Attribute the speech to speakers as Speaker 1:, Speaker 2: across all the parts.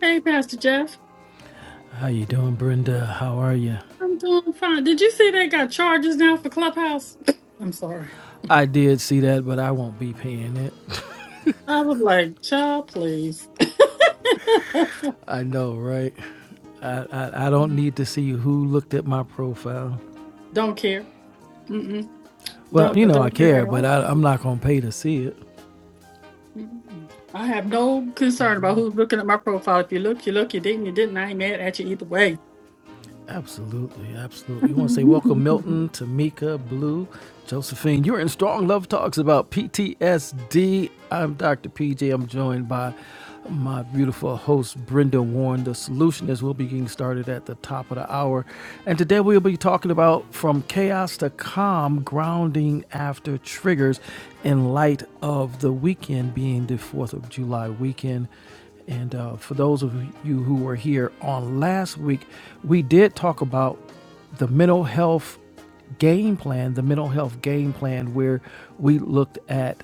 Speaker 1: Hey, Pastor Jeff.
Speaker 2: How you doing, Brenda? How are you?
Speaker 1: I'm doing fine. Did you see they got charges now for Clubhouse? I'm sorry.
Speaker 2: I did see that, but I won't be paying it.
Speaker 1: I was like, child, please.
Speaker 2: I know, right? I, I, I don't need to see who looked at my profile.
Speaker 1: don't care. Mm-mm.
Speaker 2: Well,
Speaker 1: Don't
Speaker 2: you
Speaker 1: I
Speaker 2: know I
Speaker 1: don't care at
Speaker 2: care, but
Speaker 1: all.
Speaker 2: I, I'm not gonna pay to see it.
Speaker 1: Mm-mm. I have no concern about who's looking at my profile. If you look, you look. You didn't, you didn't. I ain't mad at you either way.
Speaker 2: Absolutely, absolutely. You want to say welcome, Milton, Tamika, Blue, Josephine. You're in Strong Love Talks about PTSD. I'm Dr. PJ. I'm joined by my beautiful host, Brenda Warren. The solutionist. we'll be getting started at the top of the hour. And today we'll be talking about from chaos to calm, grounding after triggers in light of the weekend being the 4th of July weekend. And uh, for those of you who were here on last week, we did talk about the mental health game plan, the mental health game plan, where we looked at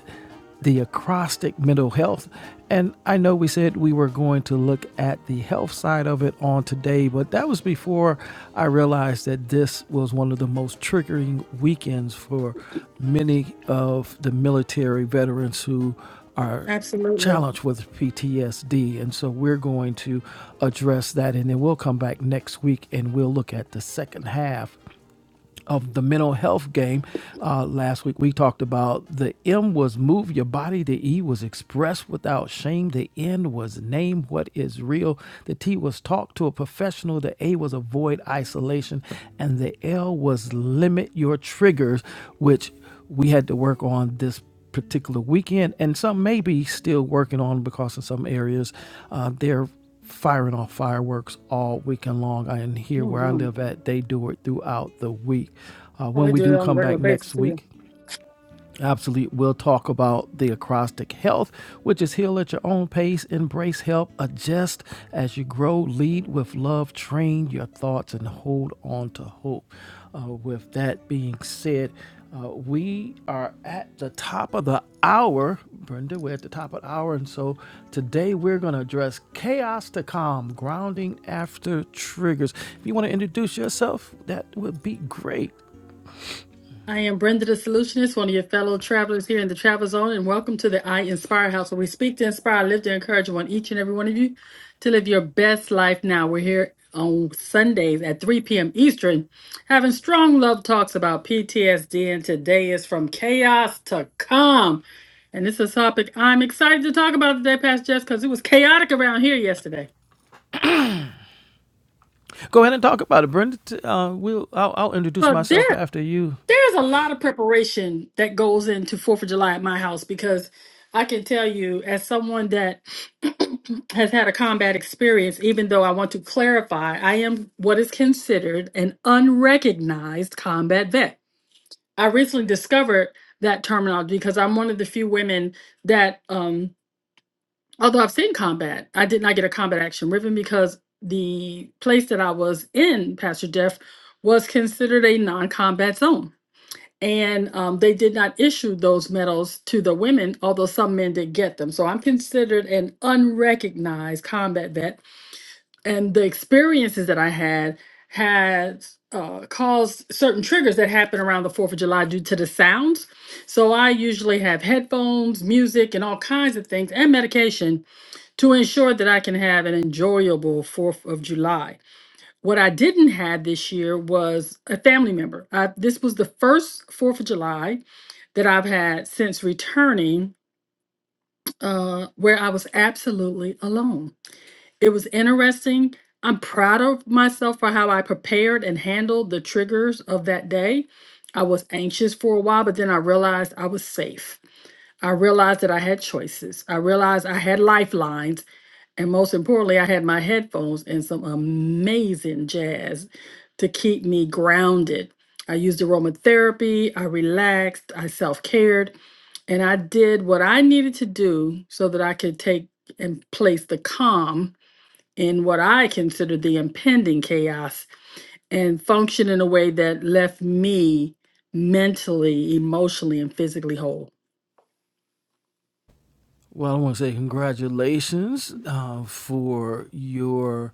Speaker 2: the acrostic mental health. And I know we said we were going to look at the health side of it on today, but that was before I realized that this was one of the most triggering weekends for many of the military veterans who are
Speaker 1: Absolutely.
Speaker 2: challenged with PTSD. And so we're going to address that. And then we'll come back next week and we'll look at the second half of the mental health game. Uh, last week we talked about the M was move your body, the E was express without shame, the N was name what is real, the T was talk to a professional, the A was avoid isolation, and the L was limit your triggers, which we had to work on this particular weekend, and some may be still working on because in some areas uh, they're firing off fireworks all weekend long. And here where I
Speaker 1: Mm-hmm.
Speaker 2: live at, they do it throughout the week. Uh,
Speaker 1: Well,
Speaker 2: when
Speaker 1: they
Speaker 2: we
Speaker 1: do it
Speaker 2: do
Speaker 1: on a
Speaker 2: come back
Speaker 1: regular
Speaker 2: next
Speaker 1: basis here.
Speaker 2: week, Absolutely. We'll talk about the acrostic health, which is heal at your own pace, embrace help, adjust as you grow, lead with love, train your thoughts, and hold on to hope. Uh, with that being said, uh, we are at the top of the hour. Brenda, we're at the top of the hour. And so today we're going to address chaos to calm, grounding after triggers. If you want to introduce yourself, that would be great.
Speaker 1: I am Brenda the Solutionist, one of your fellow travelers here in the Travel Zone, and welcome to the I Inspire House, where we speak to inspire, live to encourage one, each and every one of you to live your best life now. We're here on Sundays at 3 p.m. Eastern, having strong love talks about PTSD, and today is from chaos to calm. And this is a topic I'm excited to talk about today, Pastor Jess, because it was chaotic around here yesterday.
Speaker 2: Go ahead and talk about it, Brenda. Uh, we'll I'll, I'll introduce
Speaker 1: Well, there
Speaker 2: myself after you.
Speaker 1: there's a lot of preparation that goes into Fourth of July at my house because I can tell you, as someone that has had a combat experience, even though I want to clarify, I am what is considered an unrecognized combat vet. I recently discovered that terminology because I'm one of the few women that, um, although I've seen combat, I did not get a combat action ribbon because the place that I was in, Pastor Jeff, was considered a non combat zone and um, they did not issue those medals to the women, although some men did get them. So I'm considered an unrecognized combat vet, and the experiences that I had had uh, caused certain triggers that happen around the Fourth of July due to the sounds. So I usually have headphones, music, and all kinds of things, and medication to ensure that I can have an enjoyable Fourth of July. What I didn't have this year was a family member. I, this was the first 4th of July that I've had since returning uh, where I was absolutely alone. It was interesting. I'm proud of myself for how I prepared and handled the triggers of that day. I was anxious for a while, but then I realized I was safe. I realized that I had choices. I realized I had lifelines. And most importantly, I had my headphones and some amazing jazz to keep me grounded. I used aromatherapy, I relaxed, I self cared, and I did what I needed to do so that I could take and place the calm in what I considered the impending chaos and function in a way that left me mentally, emotionally, and physically whole.
Speaker 2: Well, I want to say congratulations uh, for your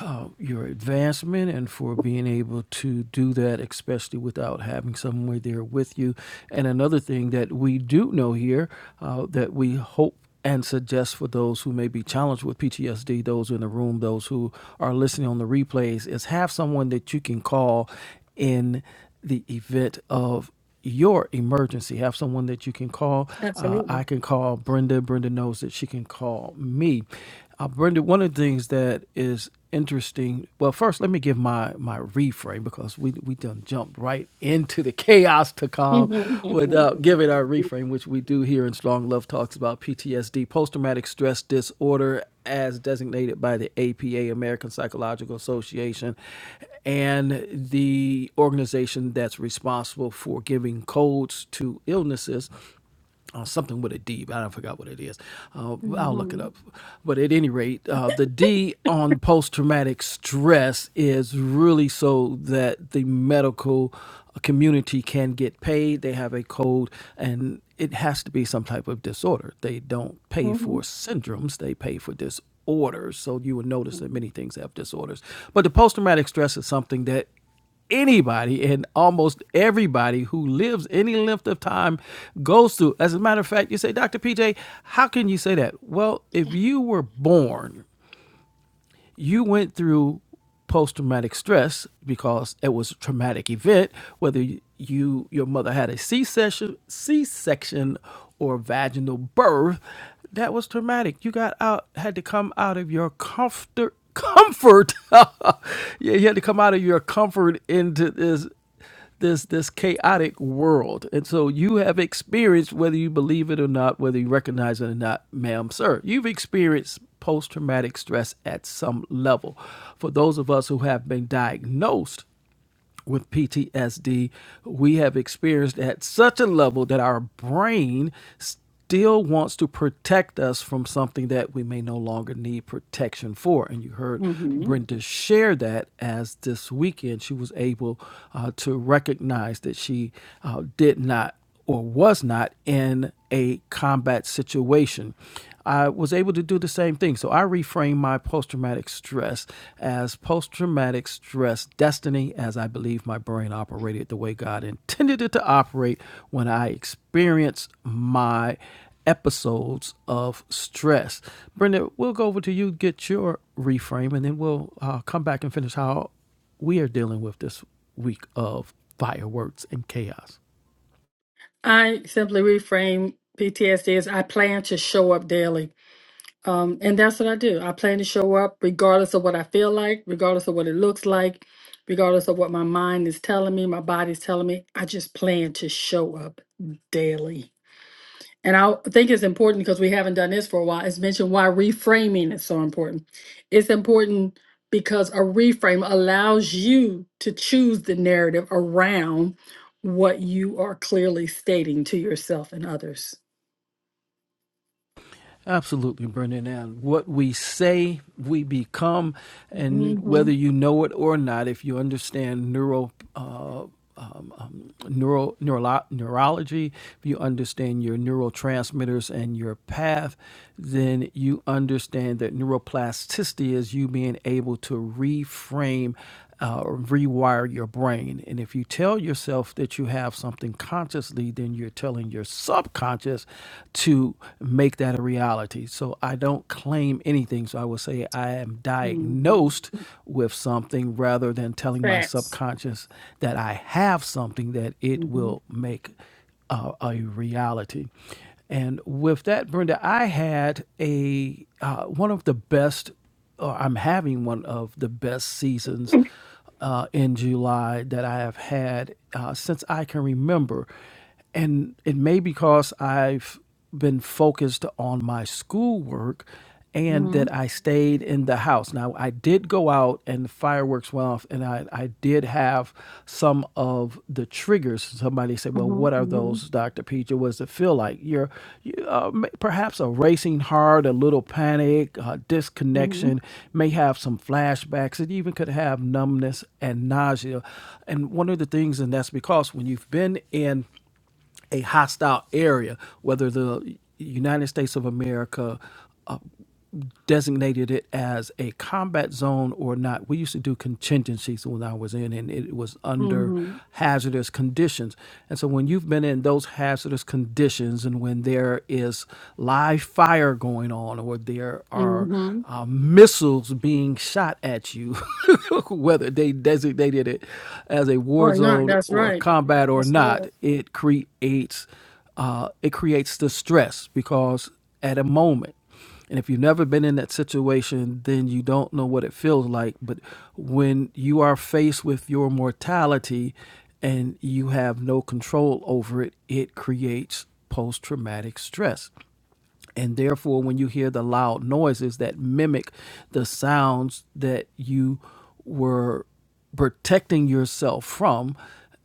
Speaker 2: uh, your advancement and for being able to do that, especially without having someone there with you. And another thing that we do know here uh, that we hope and suggest for those who may be challenged with PTSD, those in the room, those who are listening on the replays, is have someone that you can call in the event of your emergency. Have someone that you can call. Uh, I
Speaker 1: Absolutely.
Speaker 2: can call Brenda. Brenda knows that she can call me. Uh, Brenda, one of the things that is interesting. Well, first, let me give my my reframe because we we done jumped right into the chaos to come
Speaker 1: Mhm, mhm,
Speaker 2: without giving our reframe, which we do here in Strong Love Talks about PTSD, post traumatic stress disorder, as designated designated by the APA, American Psychological Association, and the organization that's responsible for giving codes to illnesses uh, something with a D, but I don't forgot what it is. Uh, I'll look it up. But at any rate, uh, the D on post traumatic stress is really so that the medical community can get paid. They have a code, and it has to be some type of disorder. They don't pay for
Speaker 1: mhm,
Speaker 2: syndromes; they pay for disorders disorders. So you will notice that many things have disorders. But the post traumatic stress is something that anybody and almost everybody who lives any length of time goes through. As a matter of fact, you say, Dr. PJ, how can you say that? Well, if you were born you went through post traumatic stress because it was a traumatic event, whether you your mother had a C section C section or vaginal birth, that was traumatic. You got out had to come out of your comfort comfort. yeah, you had to come out of your comfort into this this this chaotic world. And so you have experienced whether you believe it or not, whether you recognize it or not, ma'am, sir. You've experienced post traumatic stress at some level. For those of us who have been diagnosed with PTSD we have experienced at such a level that our brain still wants to protect us from something that we may no longer need protection for. And you heard
Speaker 1: mhm.
Speaker 2: Brenda share that as this weekend she was able uh, to recognize that she uh, did not or was not in a combat situation. I was able to do the same thing. So I reframed my post traumatic stress as post traumatic stress destiny, as I believe my brain operated the way God intended it to operate when I experienced my episodes of stress. Brenda, we'll go over to you, get your reframe, and then we'll uh, come back and finish how we are dealing with this week of fireworks and chaos.
Speaker 1: I simply reframe PTSD as I plan to show up daily. Um, and that's what I do. I plan to show up regardless of what I feel like, regardless of what it looks like, regardless of what my mind is telling me, my body's telling me. I just plan to show up daily. And I think it's important because we haven't done this for a while. It's mentioned why reframing is so important. It's important because a reframe allows you to choose the narrative around what you are clearly stating to yourself and others.
Speaker 2: Absolutely, Brendan. And what we say, we become. And
Speaker 1: mm hmm
Speaker 2: whether you know it or not, if you understand neuro, uh, um, um, neuro, neuro, neurology, if you understand your neurotransmitters and your path, then you understand that neuroplasticity is you being able to reframe uh, rewire your brain. And if you tell yourself that you have something consciously, then you're telling your subconscious to make that a reality. So I don't claim anything. So I would say I am
Speaker 1: mm hmm
Speaker 2: diagnosed with something rather than telling my
Speaker 1: Facts.
Speaker 2: subconscious that I have something that it will make uh, a reality. And with that, Brenda, I had a uh, one of the best or I'm having one of the best seasons uh, in July that I have had uh, since I can remember. And it may be because I've been focused on my schoolwork and
Speaker 1: Mhm,
Speaker 2: that I stayed in the house. Now, I did go out and fireworks went off, and I, I did have some of the triggers. Somebody said, "Well,
Speaker 1: mhm,
Speaker 2: what are
Speaker 1: mhm,
Speaker 2: those, Doctor Peter? What does it feel like? You're you, uh, m- perhaps a racing heart, a little panic, uh,
Speaker 1: mhm,
Speaker 2: disconnection. May have some flashbacks. It even could have numbness and nausea. And one of the things, and that's because when you've been in a hostile area, whether the United States of America, designated it as a combat zone or not. We used to do contingencies when I was in, and it was under
Speaker 1: mhm,
Speaker 2: hazardous conditions. And so when you've been in those hazardous conditions, and when there is live fire going on, or there are
Speaker 1: mhm.
Speaker 2: uh, missiles being shot at you, whether they designated it as a war
Speaker 1: Or not,
Speaker 2: zone
Speaker 1: that's
Speaker 2: or
Speaker 1: right.
Speaker 2: combat or
Speaker 1: That's
Speaker 2: not,
Speaker 1: right.
Speaker 2: it creates uh, it creates the stress because at a moment. And if you've never been in that situation, then you don't know what it feels like. But when you are faced with your mortality and you have no control over it, it creates post traumatic stress. And therefore, when you hear the loud noises that mimic the sounds that you were protecting yourself from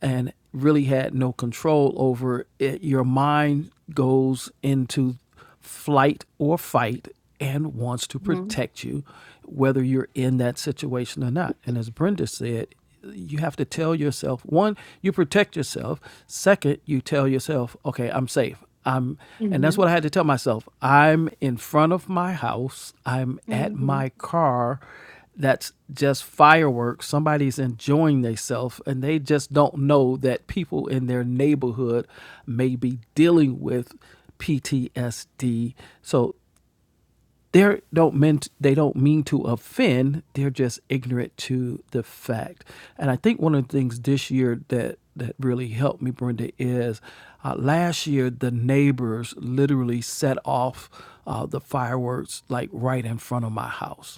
Speaker 2: and really had no control over, it, your mind goes into flight or fight and wants to
Speaker 1: Mm-hmm.
Speaker 2: protect you, whether you're in that situation or not. And as Brenda said, you have to tell yourself one, you protect yourself. Second, you tell yourself, okay, I'm safe. I'm, and that's
Speaker 1: Mm-hmm.
Speaker 2: what I had to tell myself. I'm in front of my house. I'm at
Speaker 1: Mm-hmm.
Speaker 2: my car. That's just fireworks. Somebody's enjoying themselves, and they just don't know that people in their neighborhood may be dealing with PTSD. So they don't mean they don't mean to offend. They're just ignorant to the fact. And I think one of the things this year that that really helped me, Brenda, is uh, last year the neighbors literally set off uh, the fireworks like right in front of my house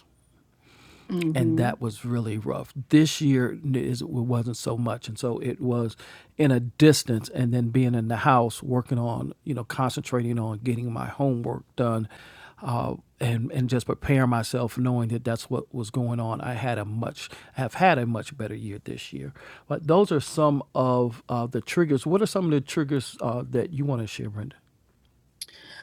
Speaker 2: and
Speaker 1: mm-hmm.
Speaker 2: that was really rough. This year is- it wasn't so much, and so it was in a distance, and then being in the house working on, you know, concentrating on getting my homework done, uh, and and just preparing myself, knowing that that's what was going on. I had a much have had a much better year this year. But those are some of uh, the triggers. What are some of the triggers uh, that you want to share, Brenda?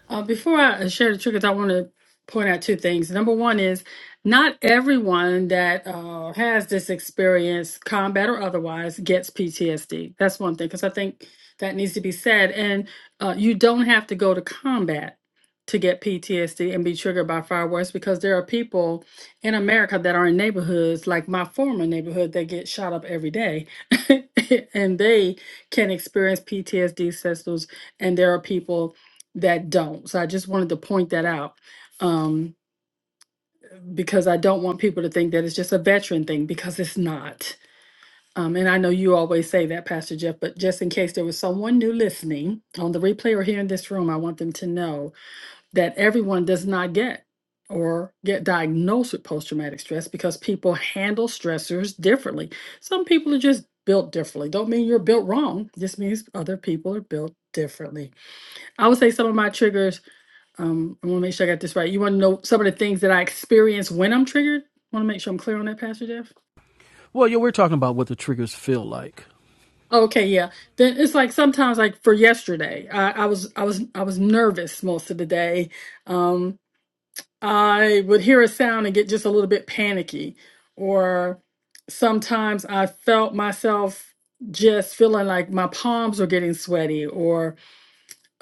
Speaker 1: Uh, before I share the triggers, I want to point out two things. Number one is not everyone that uh, has this experience, combat or otherwise, gets PTSD. That's one thing, because I think that needs to be said. And uh, you don't have to go to combat to get PTSD and be triggered by fireworks because there are people in America that are in neighborhoods like my former neighborhood that get shot up every day and they can experience PTSD symptoms. and there are people that don't. So I just wanted to point that out um, because I don't want people to think that it's just a veteran thing because it's not. Um, and I know you always say that, Pastor Jeff, but just in case there was someone new listening on the replay or here in this room, I want them to know that everyone does not get or get diagnosed with post traumatic stress because people handle stressors differently. Some people are just built differently. Don't mean you're built wrong, just means other people are built differently. I would say some of my triggers um, I want to make sure I got this right. You want to know some of the things that I experience when I'm triggered? Want to make sure I'm clear on that, Pastor Jeff?
Speaker 2: Well, yeah, we're talking about what the triggers feel like.
Speaker 1: Oh, Okay, yeah. Then it's like sometimes, like for yesterday, I, I was I was I was nervous most of the day. Um, I would hear a sound and get just a little bit panicky, or sometimes I felt myself just feeling like my palms were getting sweaty, or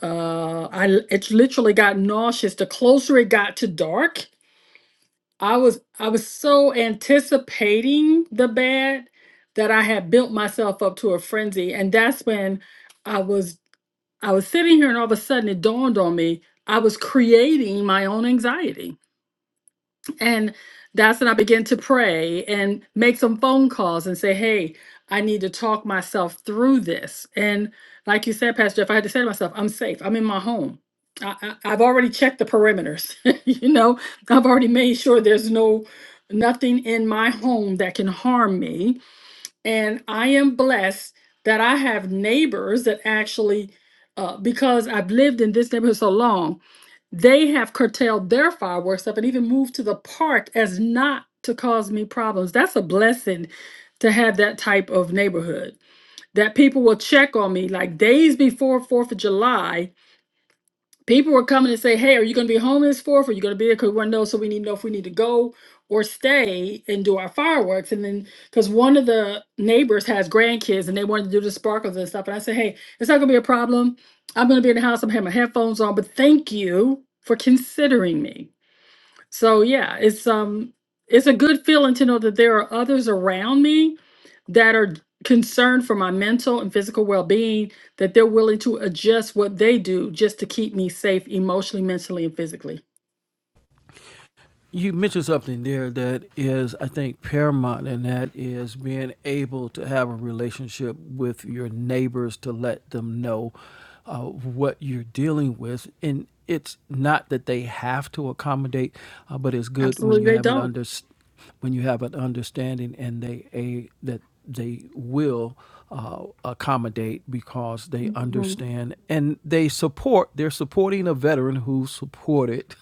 Speaker 1: uh, I it literally got nauseous. The closer it got to dark, I was I was so anticipating the bad that I had built myself up to a frenzy. And that's when I was I was sitting here and all of a sudden it dawned on me I was creating my own anxiety and that's when I begin to pray and make some phone calls and say, hey, I need to talk myself through this. And like you said, Pastor Jeff, I had to say to myself, I'm safe. I'm in my home. I, I, I've already checked the perimeters. you know, I've already made sure there's no nothing in my home that can harm me. And I am blessed that I have neighbors that actually, uh, because I've lived in this neighborhood so long, they have curtailed their fireworks up and even moved to the park as not to cause me problems. That's a blessing to have that type of neighborhood that people will check on me like days before 4th of July people were coming and say, "Hey, are you going to be home this fourth? Are you going to be there? Because we want to know, so we need to know if we need to go or stay and do our fireworks." And then, because one of the neighbors has grandkids and they wanted to do the sparkles and stuff, and I said, "Hey, it's not going to be a problem. I'm going to be in the house. I'm having my headphones on, but thank you for considering me." So yeah, it's um it's a good feeling to know that there are others around me that are concerned for my mental and physical well-being that they're willing to adjust what they do just to keep me safe emotionally, mentally and physically.
Speaker 2: you mentioned something there that is, I think, paramount, and that is being able to have a relationship with your neighbors to let them know uh, what you're dealing with. And it's not that they have to accommodate, uh, but it's good when you
Speaker 1: Absolutely they
Speaker 2: have an
Speaker 1: don't.
Speaker 2: under, when you have an understanding and they a that they will uh, accommodate because they
Speaker 1: Mhm.
Speaker 2: understand and they support. They're supporting a veteran who supported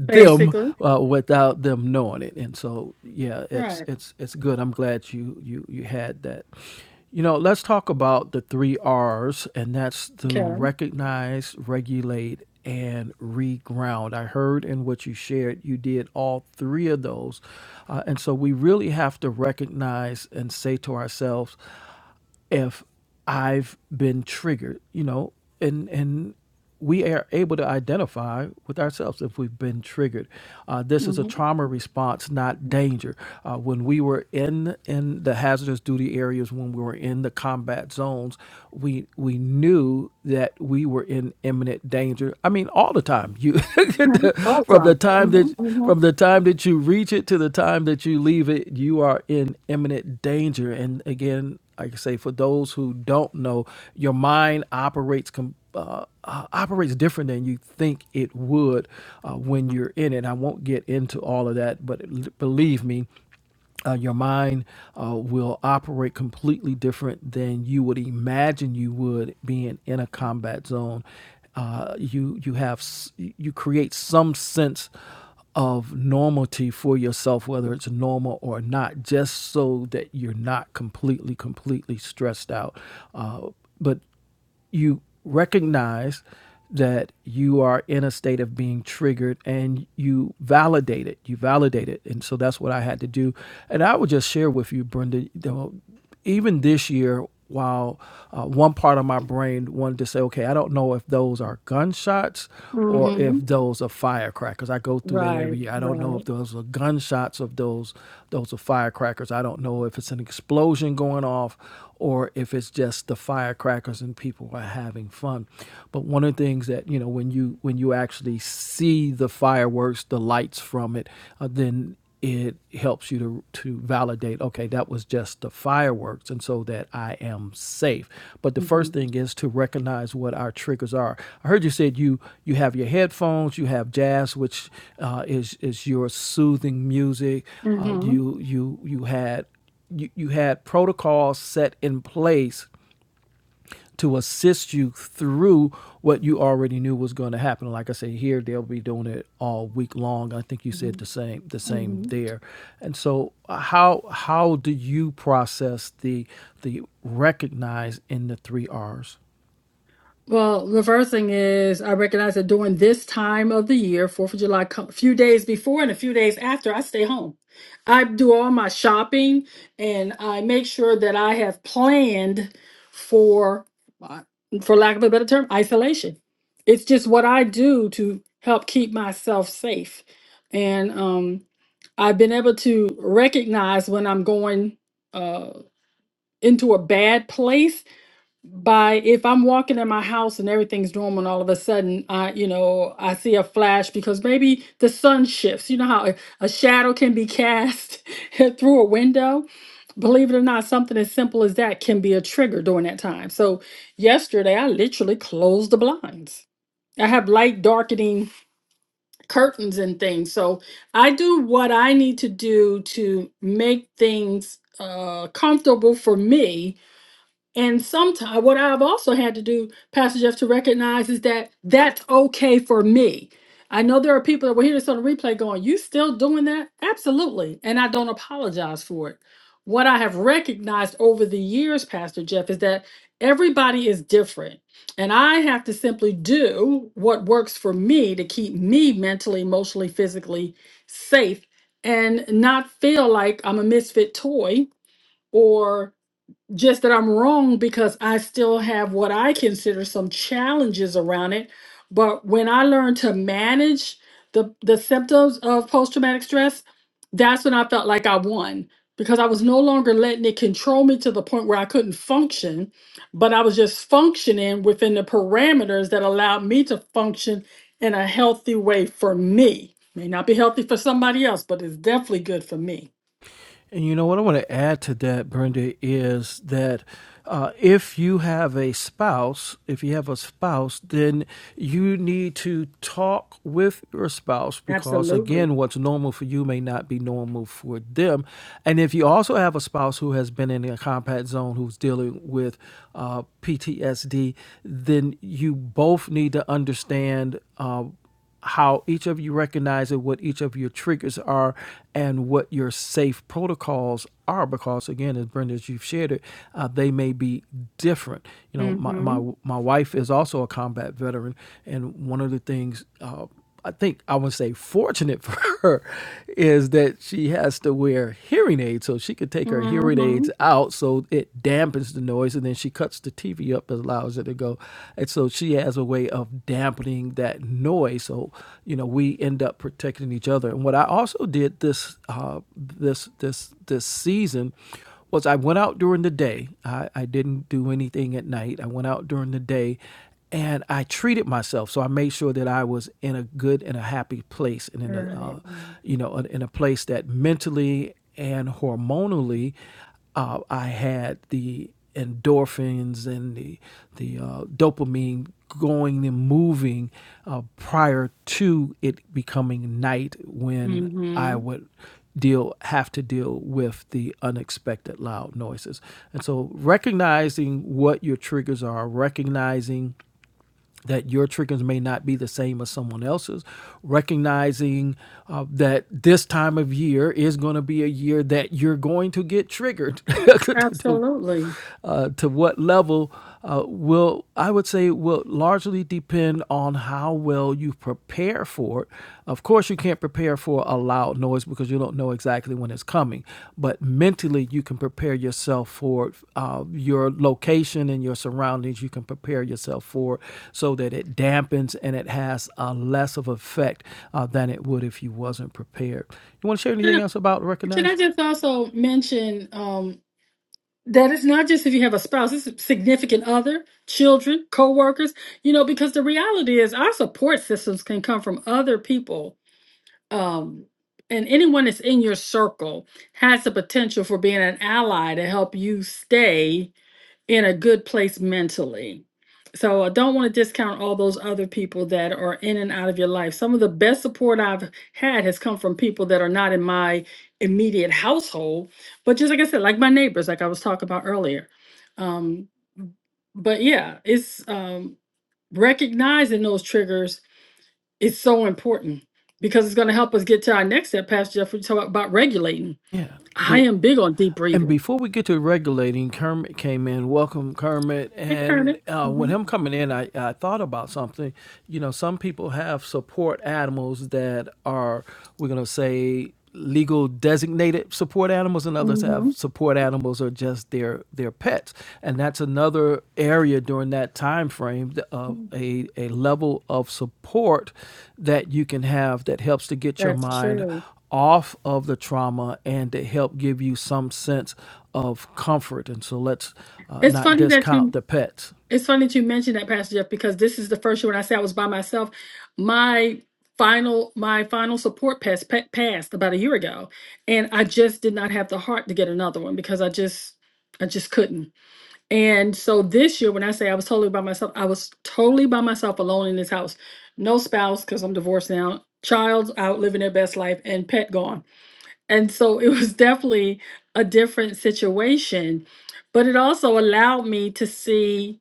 Speaker 2: them
Speaker 1: Basically.
Speaker 2: uh, without them knowing it. And so, yeah, it's
Speaker 1: Right.
Speaker 2: it's it's good. I'm glad you you you had that. You know, let's talk about the three R's, and that's to
Speaker 1: Okay.
Speaker 2: recognize, regulate, and reground. I heard in what you shared, you did all three of those, uh, and so we really have to recognize and say to ourselves if I've been triggered, you know, and and we are able to identify with ourselves if we've been triggered. Uh, this is a
Speaker 1: hmm
Speaker 2: trauma response, not danger. Uh, when we were in in the hazardous duty areas, when we were in the combat zones, we we knew that we were in imminent danger. I mean, all the time. You from the
Speaker 1: Awesome.
Speaker 2: time
Speaker 1: hmm
Speaker 2: that
Speaker 1: hmm
Speaker 2: from the time that you reach it to the time that you leave it, you are in imminent danger. And again, like I say, for those who don't know, your mind operates com- uh, uh, operates different than you think it would uh, when you're in it. I won't get into all of that, but believe me, uh, your mind uh, will operate completely different than you would imagine you would being in a combat zone. Uh, you you have s- you create some sense of normality for yourself, whether it's normal or not, just so that you're not completely completely stressed out. Uh, but you recognize that you are in a state of being triggered and you validate it you validate it and so that's what i had to do and i would just share with you brenda you know, even this year while uh, one part of my brain wanted to say okay i don't know if those are gunshots or if
Speaker 1: hmm
Speaker 2: those are firecrackers. I go through that
Speaker 1: Right.
Speaker 2: every year. I don't know if
Speaker 1: Right.
Speaker 2: those are gunshots of those those are firecrackers. I don't know if it's an explosion going off or if it's just the firecrackers and people are having fun. But one of the things that you know when you when you actually see the fireworks, the lights from it, uh, then it helps you to to validate okay that was just the fireworks and so that i am safe but the
Speaker 1: hmm
Speaker 2: first thing is to recognize what our triggers are i heard you said you you have your headphones you have jazz which uh, is is your soothing music uh,
Speaker 1: hmm
Speaker 2: you you you had you, you had protocols set in place to assist you through what you already knew was going to happen. Like I say, here they'll be doing it all week long. I think you said the same, the same
Speaker 1: hmm
Speaker 2: there. And so, uh, how how do you process the the recognize in the three R's?
Speaker 1: Well, reversing is I recognize that during this time of the year, Fourth of July, a few days before and a few days after, I stay home. I do all my shopping and I make sure that I have planned for, uh, for lack of a better term, isolation. It's just what I do to help keep myself safe, and um, I've been able to recognize when I'm going uh, into a bad place by if I'm walking in my house and everything's normal and all of a sudden I you know I see a flash because maybe the sun shifts. You know how a, a shadow can be cast through a window? Believe it or not, something as simple as that can be a trigger during that time. So yesterday I literally closed the blinds. I have light darkening curtains and things. So I do what I need to do to make things uh comfortable for me and sometimes, what I've also had to do, Pastor Jeff, to recognize is that that's okay for me. I know there are people that will hear this on the replay going, You still doing that? Absolutely. And I don't apologize for it. What I have recognized over the years, Pastor Jeff, is that everybody is different. And I have to simply do what works for me to keep me mentally, emotionally, physically safe and not feel like I'm a misfit toy or just that I'm wrong because I still have what I consider some challenges around it. But when I learned to manage the the symptoms of post traumatic stress, that's when I felt like I won because I was no longer letting it control me to the point where I couldn't function, but I was just functioning within the parameters that allowed me to function in a healthy way for me. May not be healthy for somebody else, but it's definitely good for me.
Speaker 2: And you know what I want to add to that, Brenda, is that uh, if you have a spouse, if you have a spouse, then you need to talk with your spouse because,
Speaker 1: Absolutely.
Speaker 2: again, what's normal for you may not be normal for them. And if you also have a spouse who has been in a combat zone who's dealing with uh, PTSD, then you both need to understand. Uh, how each of you recognize it, what each of your triggers are and what your safe protocols are because again as brenda as you've shared it uh, they may be different you know
Speaker 1: Mm
Speaker 2: my, my
Speaker 1: Mhm.
Speaker 2: my wife is also a combat veteran and one of the things uh, I think I would say fortunate for her is that she has to wear hearing aids, so she could take her
Speaker 1: Mm
Speaker 2: hearing
Speaker 1: Mhm.
Speaker 2: aids out, so it dampens the noise, and then she cuts the TV up and allows it to go, and so she has a way of dampening that noise. So you know we end up protecting each other. And what I also did this uh, this this this season was I went out during the day. I, I didn't do anything at night. I went out during the day and I treated myself. So I made sure that I was in a good and a happy place, and in a,
Speaker 1: Right.
Speaker 2: uh, you know, in a place that mentally and hormonally, uh, I had the endorphins and the the uh, dopamine going and moving uh, prior to it becoming night when I
Speaker 1: Mm-hmm.
Speaker 2: would deal have to deal with the unexpected loud noises. And so recognizing what your triggers are, recognizing that your triggers may not be the same as someone else's, recognizing uh, that this time of year is going to be a year that you're going to get triggered. to,
Speaker 1: Absolutely.
Speaker 2: uh, to what level uh, will, I would say, will largely depend on how well you prepare for it, uh, of course, you can't prepare for a loud noise because you don't know exactly when it's coming, but mentally, you can prepare yourself for uh, your location and your surroundings. You can prepare yourself for it so that it dampens and it has a less of effect uh, than it would if you wasn't prepared. You want to share
Speaker 1: Can
Speaker 2: anything
Speaker 1: I
Speaker 2: else about
Speaker 1: can I
Speaker 2: recognize?
Speaker 1: just also mention um, that it's not just if you have a spouse, it's a significant other, children, coworkers, you know, because the reality is our support systems can come from other people. Um, and anyone that's in your circle has the potential for being an ally to help you stay. in a good place mentally. So I don't want to discount all those other people that are in and out of your life. Some of the best support I've had has come from people that are not in my immediate household, but just like I said, like my neighbors, like I was talking about earlier. Um, but yeah, it's um, recognizing those triggers is so important because it's going to help us get to our next step, Pastor Jeff. We talk about regulating.
Speaker 2: Yeah.
Speaker 1: I
Speaker 2: But
Speaker 1: am big on deep
Speaker 2: And
Speaker 1: breathing.
Speaker 2: before we get to regulating, Kermit came in. Welcome, Kermit.
Speaker 1: Hey, Kermit.
Speaker 2: And uh, with
Speaker 1: Mhm.
Speaker 2: him coming in, I, I thought about something. You know, some people have support animals that are, we're going to say, legal designated support animals, and others have
Speaker 1: Mhm.
Speaker 2: support animals or just their their pets. And that's another area during that time frame th- of a, a level of support that you can have that helps to get your
Speaker 1: That's
Speaker 2: mind
Speaker 1: true.
Speaker 2: off of the trauma and to help give you some sense of comfort. And so let's uh,
Speaker 1: It's
Speaker 2: not
Speaker 1: funny that
Speaker 2: discount
Speaker 1: you
Speaker 2: the pets.
Speaker 1: it's funny that you mentioned that, Pastor Jeff, because this is the first year when I say I was by myself. My final my final support pass pa- passed about a year ago, and I just did not have the heart to get another one because I just I just couldn't. And so this year, when I say I was totally by myself, I was totally by myself alone in this house. No spouse because I'm divorced now. Child out living their best life and pet gone. And so it was definitely a different situation, but it also allowed me to see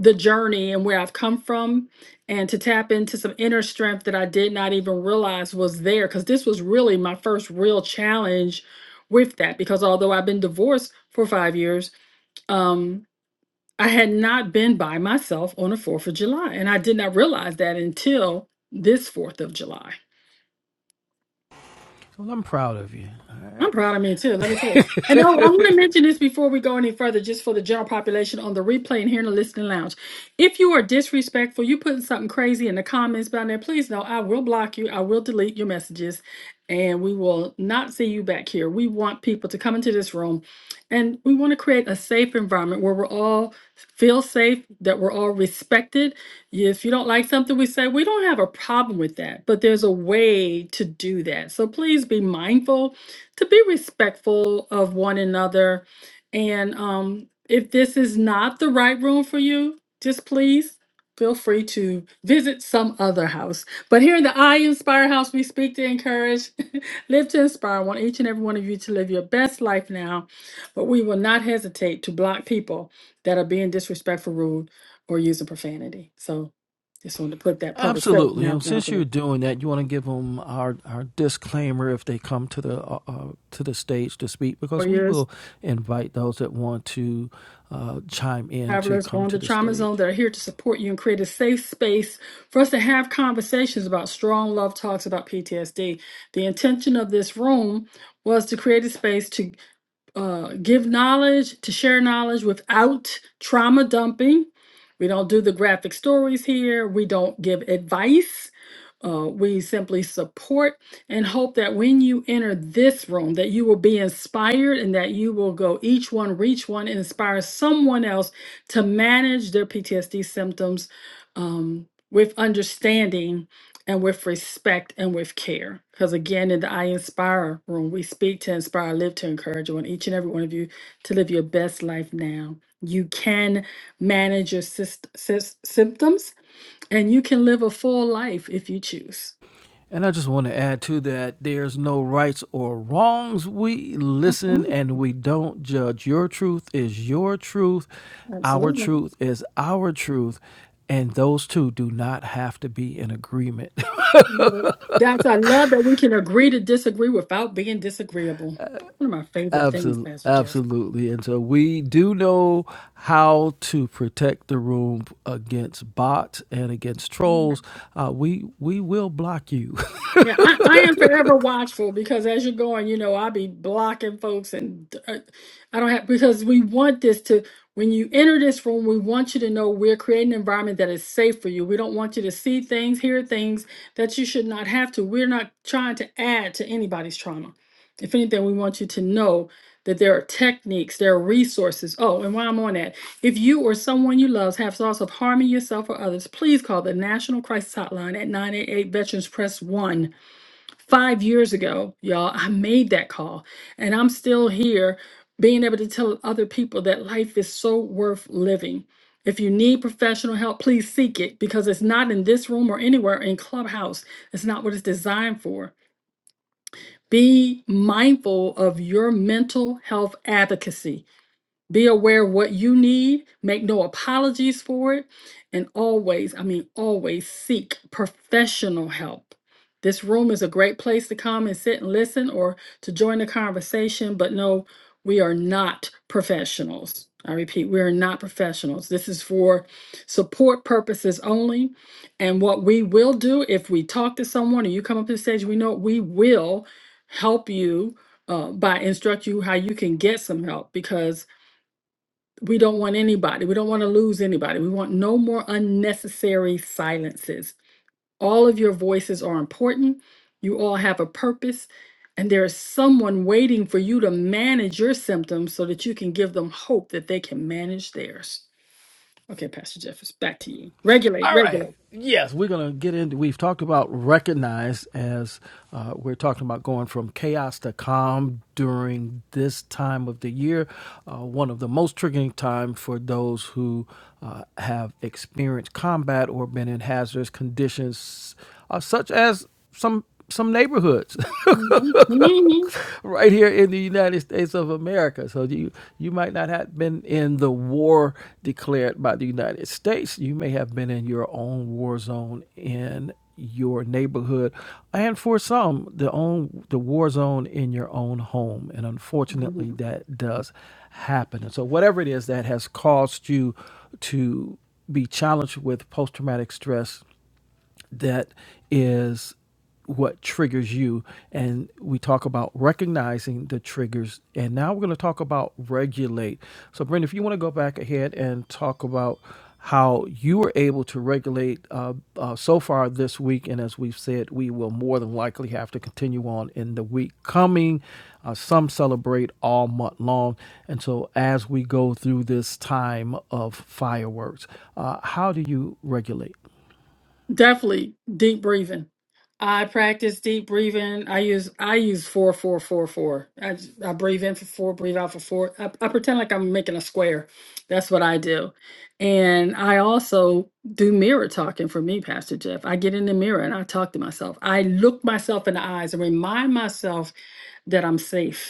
Speaker 1: the journey and where I've come from and to tap into some inner strength that I did not even realize was there. Because this was really my first real challenge with that. Because although I've been divorced for five years, um, I had not been by myself on the 4th of July. And I did not realize that until this 4th of July.
Speaker 2: Well, I'm proud of you. All
Speaker 1: I'm
Speaker 2: right.
Speaker 1: proud of me too. Let me tell you. And oh, I want to mention this before we go any further, just for the general population on the replay and here in the listening lounge. If you are disrespectful, you putting something crazy in the comments down there, please know I will block you. I will delete your messages, and we will not see you back here. We want people to come into this room, and we want to create a safe environment where we're all feel safe, that we're all respected. If you don't like something we say, we don't have a problem with that, but there's a way to do that. So please be mindful to be respectful of one another. And um, if this is not the right room for you, just please feel free to visit some other house. But here in the I Inspire House, we speak to encourage, live to inspire. I want each and every one of you to live your best life now, but we will not hesitate to block people that are being disrespectful, rude, or using profanity. So just wanted to put that public service
Speaker 2: Absolutely. And
Speaker 1: announcement out
Speaker 2: since
Speaker 1: there
Speaker 2: you're doing that, you want to give them our, our disclaimer if they come to the uh, uh, to the stage to speak,
Speaker 1: for
Speaker 2: because we
Speaker 1: you.
Speaker 2: will invite those that want to uh, chime in to
Speaker 1: travelers
Speaker 2: come
Speaker 1: on the
Speaker 2: to the
Speaker 1: Trauma Zone
Speaker 2: stage.
Speaker 1: that are here to support you and create a safe space for us to have conversations about strong love talks about PTSD. The intention of this room was to create a space to uh, give knowledge, to share knowledge without trauma dumping. We don't do the graphic stories here. We don't give advice. Uh, we simply support and hope that when you enter this room, that you will be inspired and that you will go each one, reach one, and inspire someone else to manage their PTSD symptoms um, with understanding and with respect and with care. Because again, in the I Inspire room, we speak to inspire, live to encourage. I want each and every one of you to live your best life now. You can manage your syst- sys- symptoms and you can live a full life if you choose.
Speaker 2: And I just want to add to that there's no rights or wrongs. We listen
Speaker 1: Mm,
Speaker 2: and we don't judge. Your truth is your truth, our
Speaker 1: Absolutely.
Speaker 2: truth is our truth. And those two do not have to be in agreement.
Speaker 1: Love it. That's, I love that we can agree to disagree without being disagreeable. One of my favorite things,
Speaker 2: Absolutely.
Speaker 1: Pastor Jeff.
Speaker 2: Absolutely. And so we do know how to protect the room against bots and against trolls. Uh, we we will block you.
Speaker 1: Yeah, I, I am forever watchful because as you're going, you know, I'll be blocking folks and uh, I don't have, because we want this to, when you enter this room, we want you to know we're creating an environment that is safe for you. We don't want you to see things, hear things that you should not have to. We're not trying to add to anybody's trauma. If anything, we want you to know that there are techniques, there are resources. Oh, and while I'm on that, if you or someone you love have thoughts of harming yourself or others, please call the National Crisis Hotline at 988 Veterans Press 1 Five years ago, y'all, I made that call and I'm still here being able to tell other people that life is so worth living. If you need professional help, please seek it because it's not in this room or anywhere in Clubhouse. It's not what it's designed for. Be mindful of your mental health advocacy. Be aware of what you need, make no apologies for it, and always, I mean, always seek professional help. This room is a great place to come and sit and listen or to join the conversation, but no, we are not professionals. I repeat, we are not professionals. This is for support purposes only. And what we will do if we talk to someone or you come up to the stage, we know we will help you uh, by instruct you how you can get some help because we don't want anybody. We don't want to lose anybody. We want no more unnecessary silences. All of your voices are important. You all have a purpose, and there is someone waiting for you to manage your symptoms so that you can give them hope that they can manage theirs. Okay, Pastor Jeffers, back to you. Regulate,
Speaker 2: All right.
Speaker 1: regulate.
Speaker 2: Yes, we're going to get into. We've talked about recognize as uh, we're talking about going from chaos to calm during this time of the year. Uh, one of the most triggering time for those who uh, have experienced combat or been in hazardous conditions, uh, such as some some neighborhoods.
Speaker 1: Mhm, mhm,
Speaker 2: right here in the United States of America. So you you might not have been in the war declared by the United States. You may have been in your own war zone in your neighborhood and for some the own the war zone in your own home and
Speaker 1: mhm.
Speaker 2: unfortunately that does happen and so whatever it is that has caused you to be challenged with post traumatic stress that is what triggers you. And we talk about recognizing the triggers. And now we're going to talk about regulate. So, Brenda, if you want to go back ahead and talk about how you were able to regulate uh, uh, so far this week. And as we've said, we will more than likely have to continue on in the week coming. Uh, some celebrate all month long. And so, as we go through this time of fireworks, uh, how do you regulate?
Speaker 1: Definitely deep breathing. I practice deep breathing. I use I use four four four four. I j- I breathe in for four, breathe out for four. I, I pretend like I'm making a square. That's what I do. And I also do mirror talking for me, Pastor Jeff. I get in the mirror and I talk to myself. I look myself in the eyes and remind myself that I'm safe.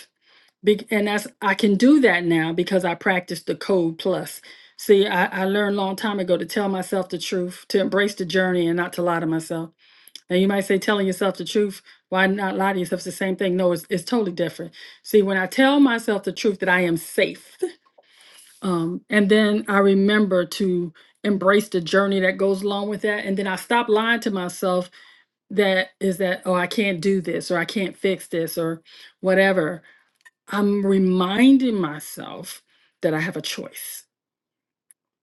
Speaker 1: Big and that's I can do that now because I practice the code plus. See, I, I learned a long time ago to tell myself the truth, to embrace the journey and not to lie to myself. Now you might say telling yourself the truth, why not lie to yourself? It's the same thing. No, it's, it's totally different. See, when I tell myself the truth that I am safe, um, and then I remember to embrace the journey that goes along with that. And then I stop lying to myself that is that, oh, I can't do this or I can't fix this or whatever I'm reminding myself that I have a choice.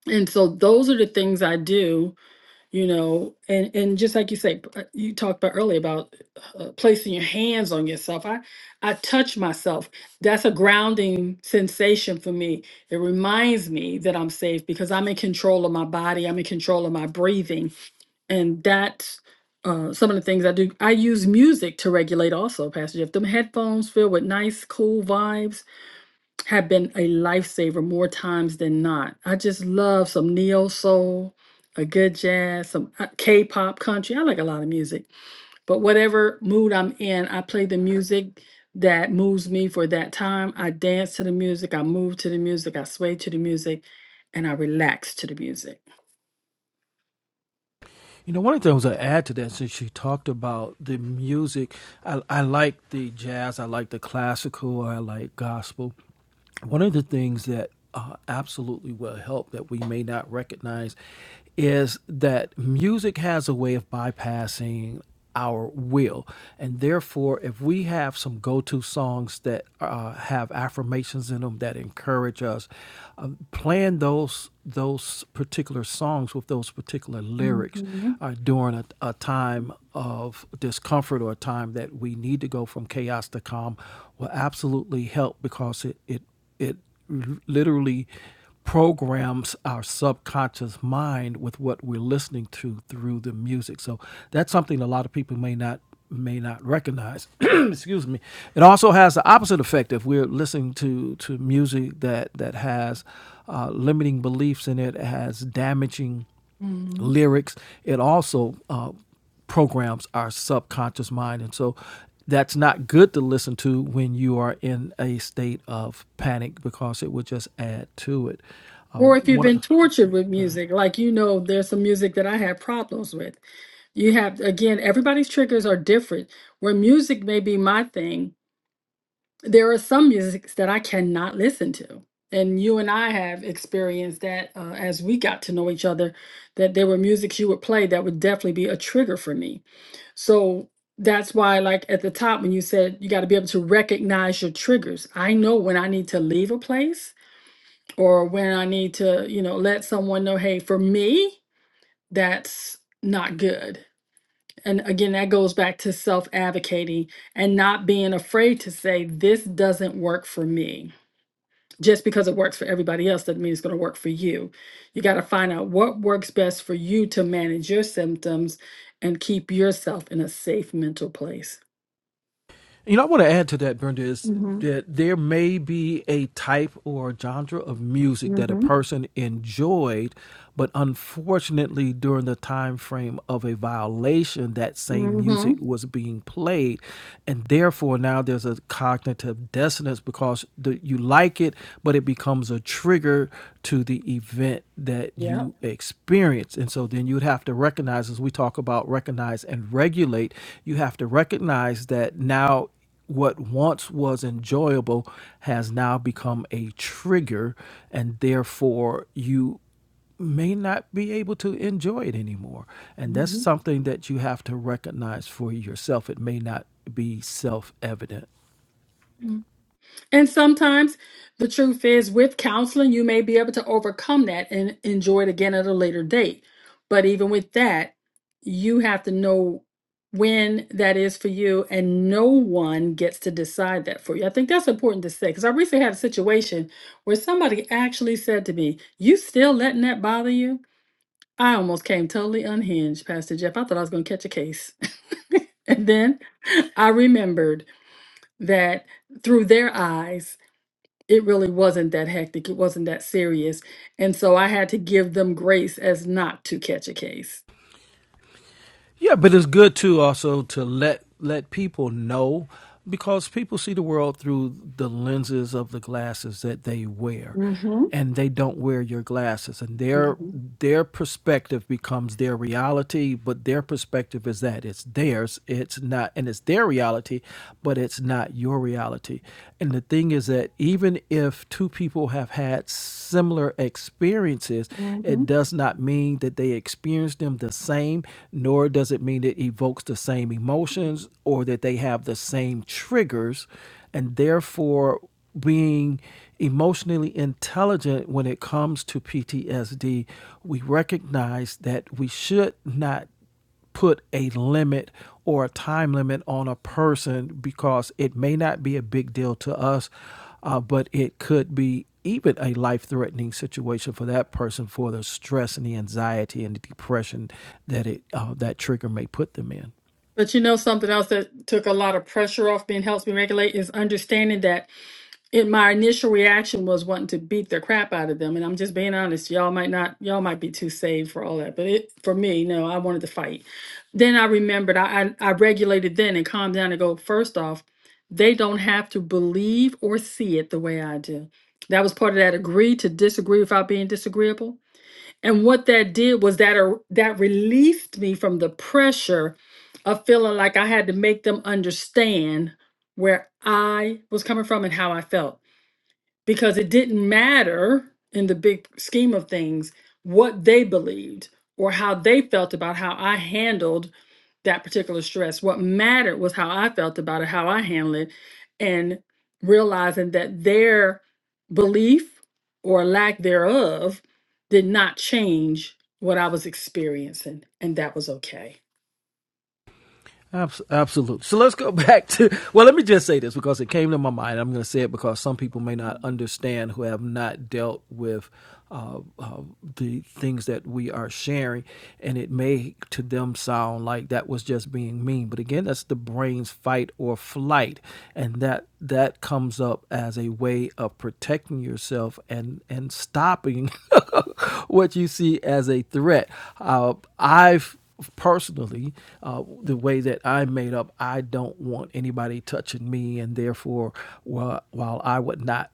Speaker 1: And so those are the things I do, you know, and and just like you say, p- uh, you talked about earlier about uh, placing your hands on yourself. I I touch myself. That's a grounding sensation for me. It reminds me that I'm safe because I'm in control of my body. I'm in control of my breathing, and that's uh, some of the things I do. I use music to regulate also, Pastor Jeff. Them headphones filled with nice, cool vibes have been a lifesaver more times than not. I just love some neo soul, a good jazz, some uh, K-pop, country. I like a lot of music, but whatever mood I'm in, I play the music that moves me for that time. I dance to the music, I move to the music, I sway to the music, and I relax to the music.
Speaker 2: You know, one of the things I add to that, since she talked about the music, I, I like the jazz, I like the classical, I like gospel. One of the things that uh, absolutely will help that we may not recognize is that music has a way of bypassing our will. And therefore, if we have some go to songs that uh, have affirmations in them that encourage us, um, plan those those particular songs with those particular lyrics uh, during a, a time of discomfort or a time that we need to go from chaos to calm will absolutely help because it, it it l- literally programs our subconscious mind with what we're listening to through the music. So that's something a lot of people may not may not recognize. Excuse me. It also has the opposite effect if we're listening to to music that that has uh, limiting beliefs in it, has damaging
Speaker 1: Mhm.
Speaker 2: lyrics. It also uh, programs our subconscious mind. And so that's not good to listen to when you are in a state of panic because it would just add to it. Uh,
Speaker 1: Or if you've
Speaker 2: one,
Speaker 1: been tortured with music, like you know, there's some music that I had problems with. You have, again, everybody's triggers are different. Where music may be my thing, there are some musics that I cannot listen to. And you and I have experienced that uh, as we got to know each other, that there were musics you would play that would definitely be a trigger for me. So that's why, like at the top, when you said you got to be able to recognize your triggers, I know when I need to leave a place or when I need to, you know, let someone know, hey, for me, that's not good. And again, that goes back to self advocating and not being afraid to say, this doesn't work for me. Just because it works for everybody else doesn't mean it's going to work for you. You got to find out what works best for you to manage your symptoms and keep yourself in a safe mental place.
Speaker 2: You know, I want to add to that, Brenda, is
Speaker 1: Mm-hmm.
Speaker 2: that there may be a type or genre of music that a
Speaker 1: Mm-hmm.
Speaker 2: person enjoyed, but unfortunately, during the time frame of a violation, that same
Speaker 1: Mm-hmm.
Speaker 2: music was being played, and therefore now there's a cognitive dissonance because the, you like it, but it becomes a trigger to the event that
Speaker 1: Yep.
Speaker 2: you to experience. And so then you would have to recognize, as we talk about recognize and regulate, you have to recognize that now what once was enjoyable has now become a trigger, and therefore you may not be able to enjoy it anymore. And that's
Speaker 1: Mm-hmm.
Speaker 2: something that you have to recognize for yourself. It may not be self evident.
Speaker 1: And sometimes the truth is, with counseling, you may be able to overcome that and enjoy it again at a later date. But even with that, you have to know when that is for you, and no one gets to decide that for you. I think that's important to say because I recently had a situation where somebody actually said to me, You still letting that bother you? I almost came totally unhinged, Pastor Jeff. I thought I was going to catch a case. and then I remembered that through their eyes, it really wasn't that hectic. It wasn't that serious. And so I had to give them grace as not to catch a case.
Speaker 2: Yeah, but it's good too also to let let people know because people see the world through the lenses of the glasses that they wear
Speaker 1: Mm-hmm.
Speaker 2: and they don't wear your glasses and their
Speaker 1: Mm-hmm.
Speaker 2: their perspective becomes their reality but their perspective is that it's theirs it's not and it's their reality but it's not your reality reality. And the thing is that even if two people have had similar experiences,
Speaker 1: Mm-hmm.
Speaker 2: it does not mean that they experience them the same, nor does it mean it evokes the same emotions or that they have the same triggers. And therefore, being emotionally intelligent when it comes to PTSD, we recognize that we should not put a limit or a time limit on a person because it may not be a big deal to us, uh, but it could be even a life threatening situation for that person for the stress and the anxiety and the depression that it uh, that trigger may put them in.
Speaker 1: But you know, something else that took a lot of pressure off me and helps me regulate is understanding that. And my initial reaction was wanting to beat the crap out of them and i'm just being honest y'all might not y'all might be too saved for all that but it for me no i wanted to fight then i remembered i i, I regulated then and calmed down and go first off they don't have to believe or see it the way i do that was part of that agree to disagree without being disagreeable and what that did was that uh, that released me from the pressure of feeling like i had to make them understand where i was coming from and how i felt because it didn't matter in the big scheme of things what they believed or how they felt about how I handled that particular stress. What mattered was how I felt about it, how I handled it, and realizing that their belief or lack thereof did not change what I was experiencing, and that was okay.
Speaker 2: Absolutely. So let's go back to. Well, let me just say this because it came to my mind. I'm going to say it because some people may not understand who have not dealt with uh, uh, the things that we are sharing, and it may to them sound like that was just being mean. But again, that's the brain's fight or flight, and that that comes up as a way of protecting yourself and and stopping what you see as a threat. Uh, I've personally, uh, the way that I made up, I don't want anybody touching me, and therefore, while, while I would not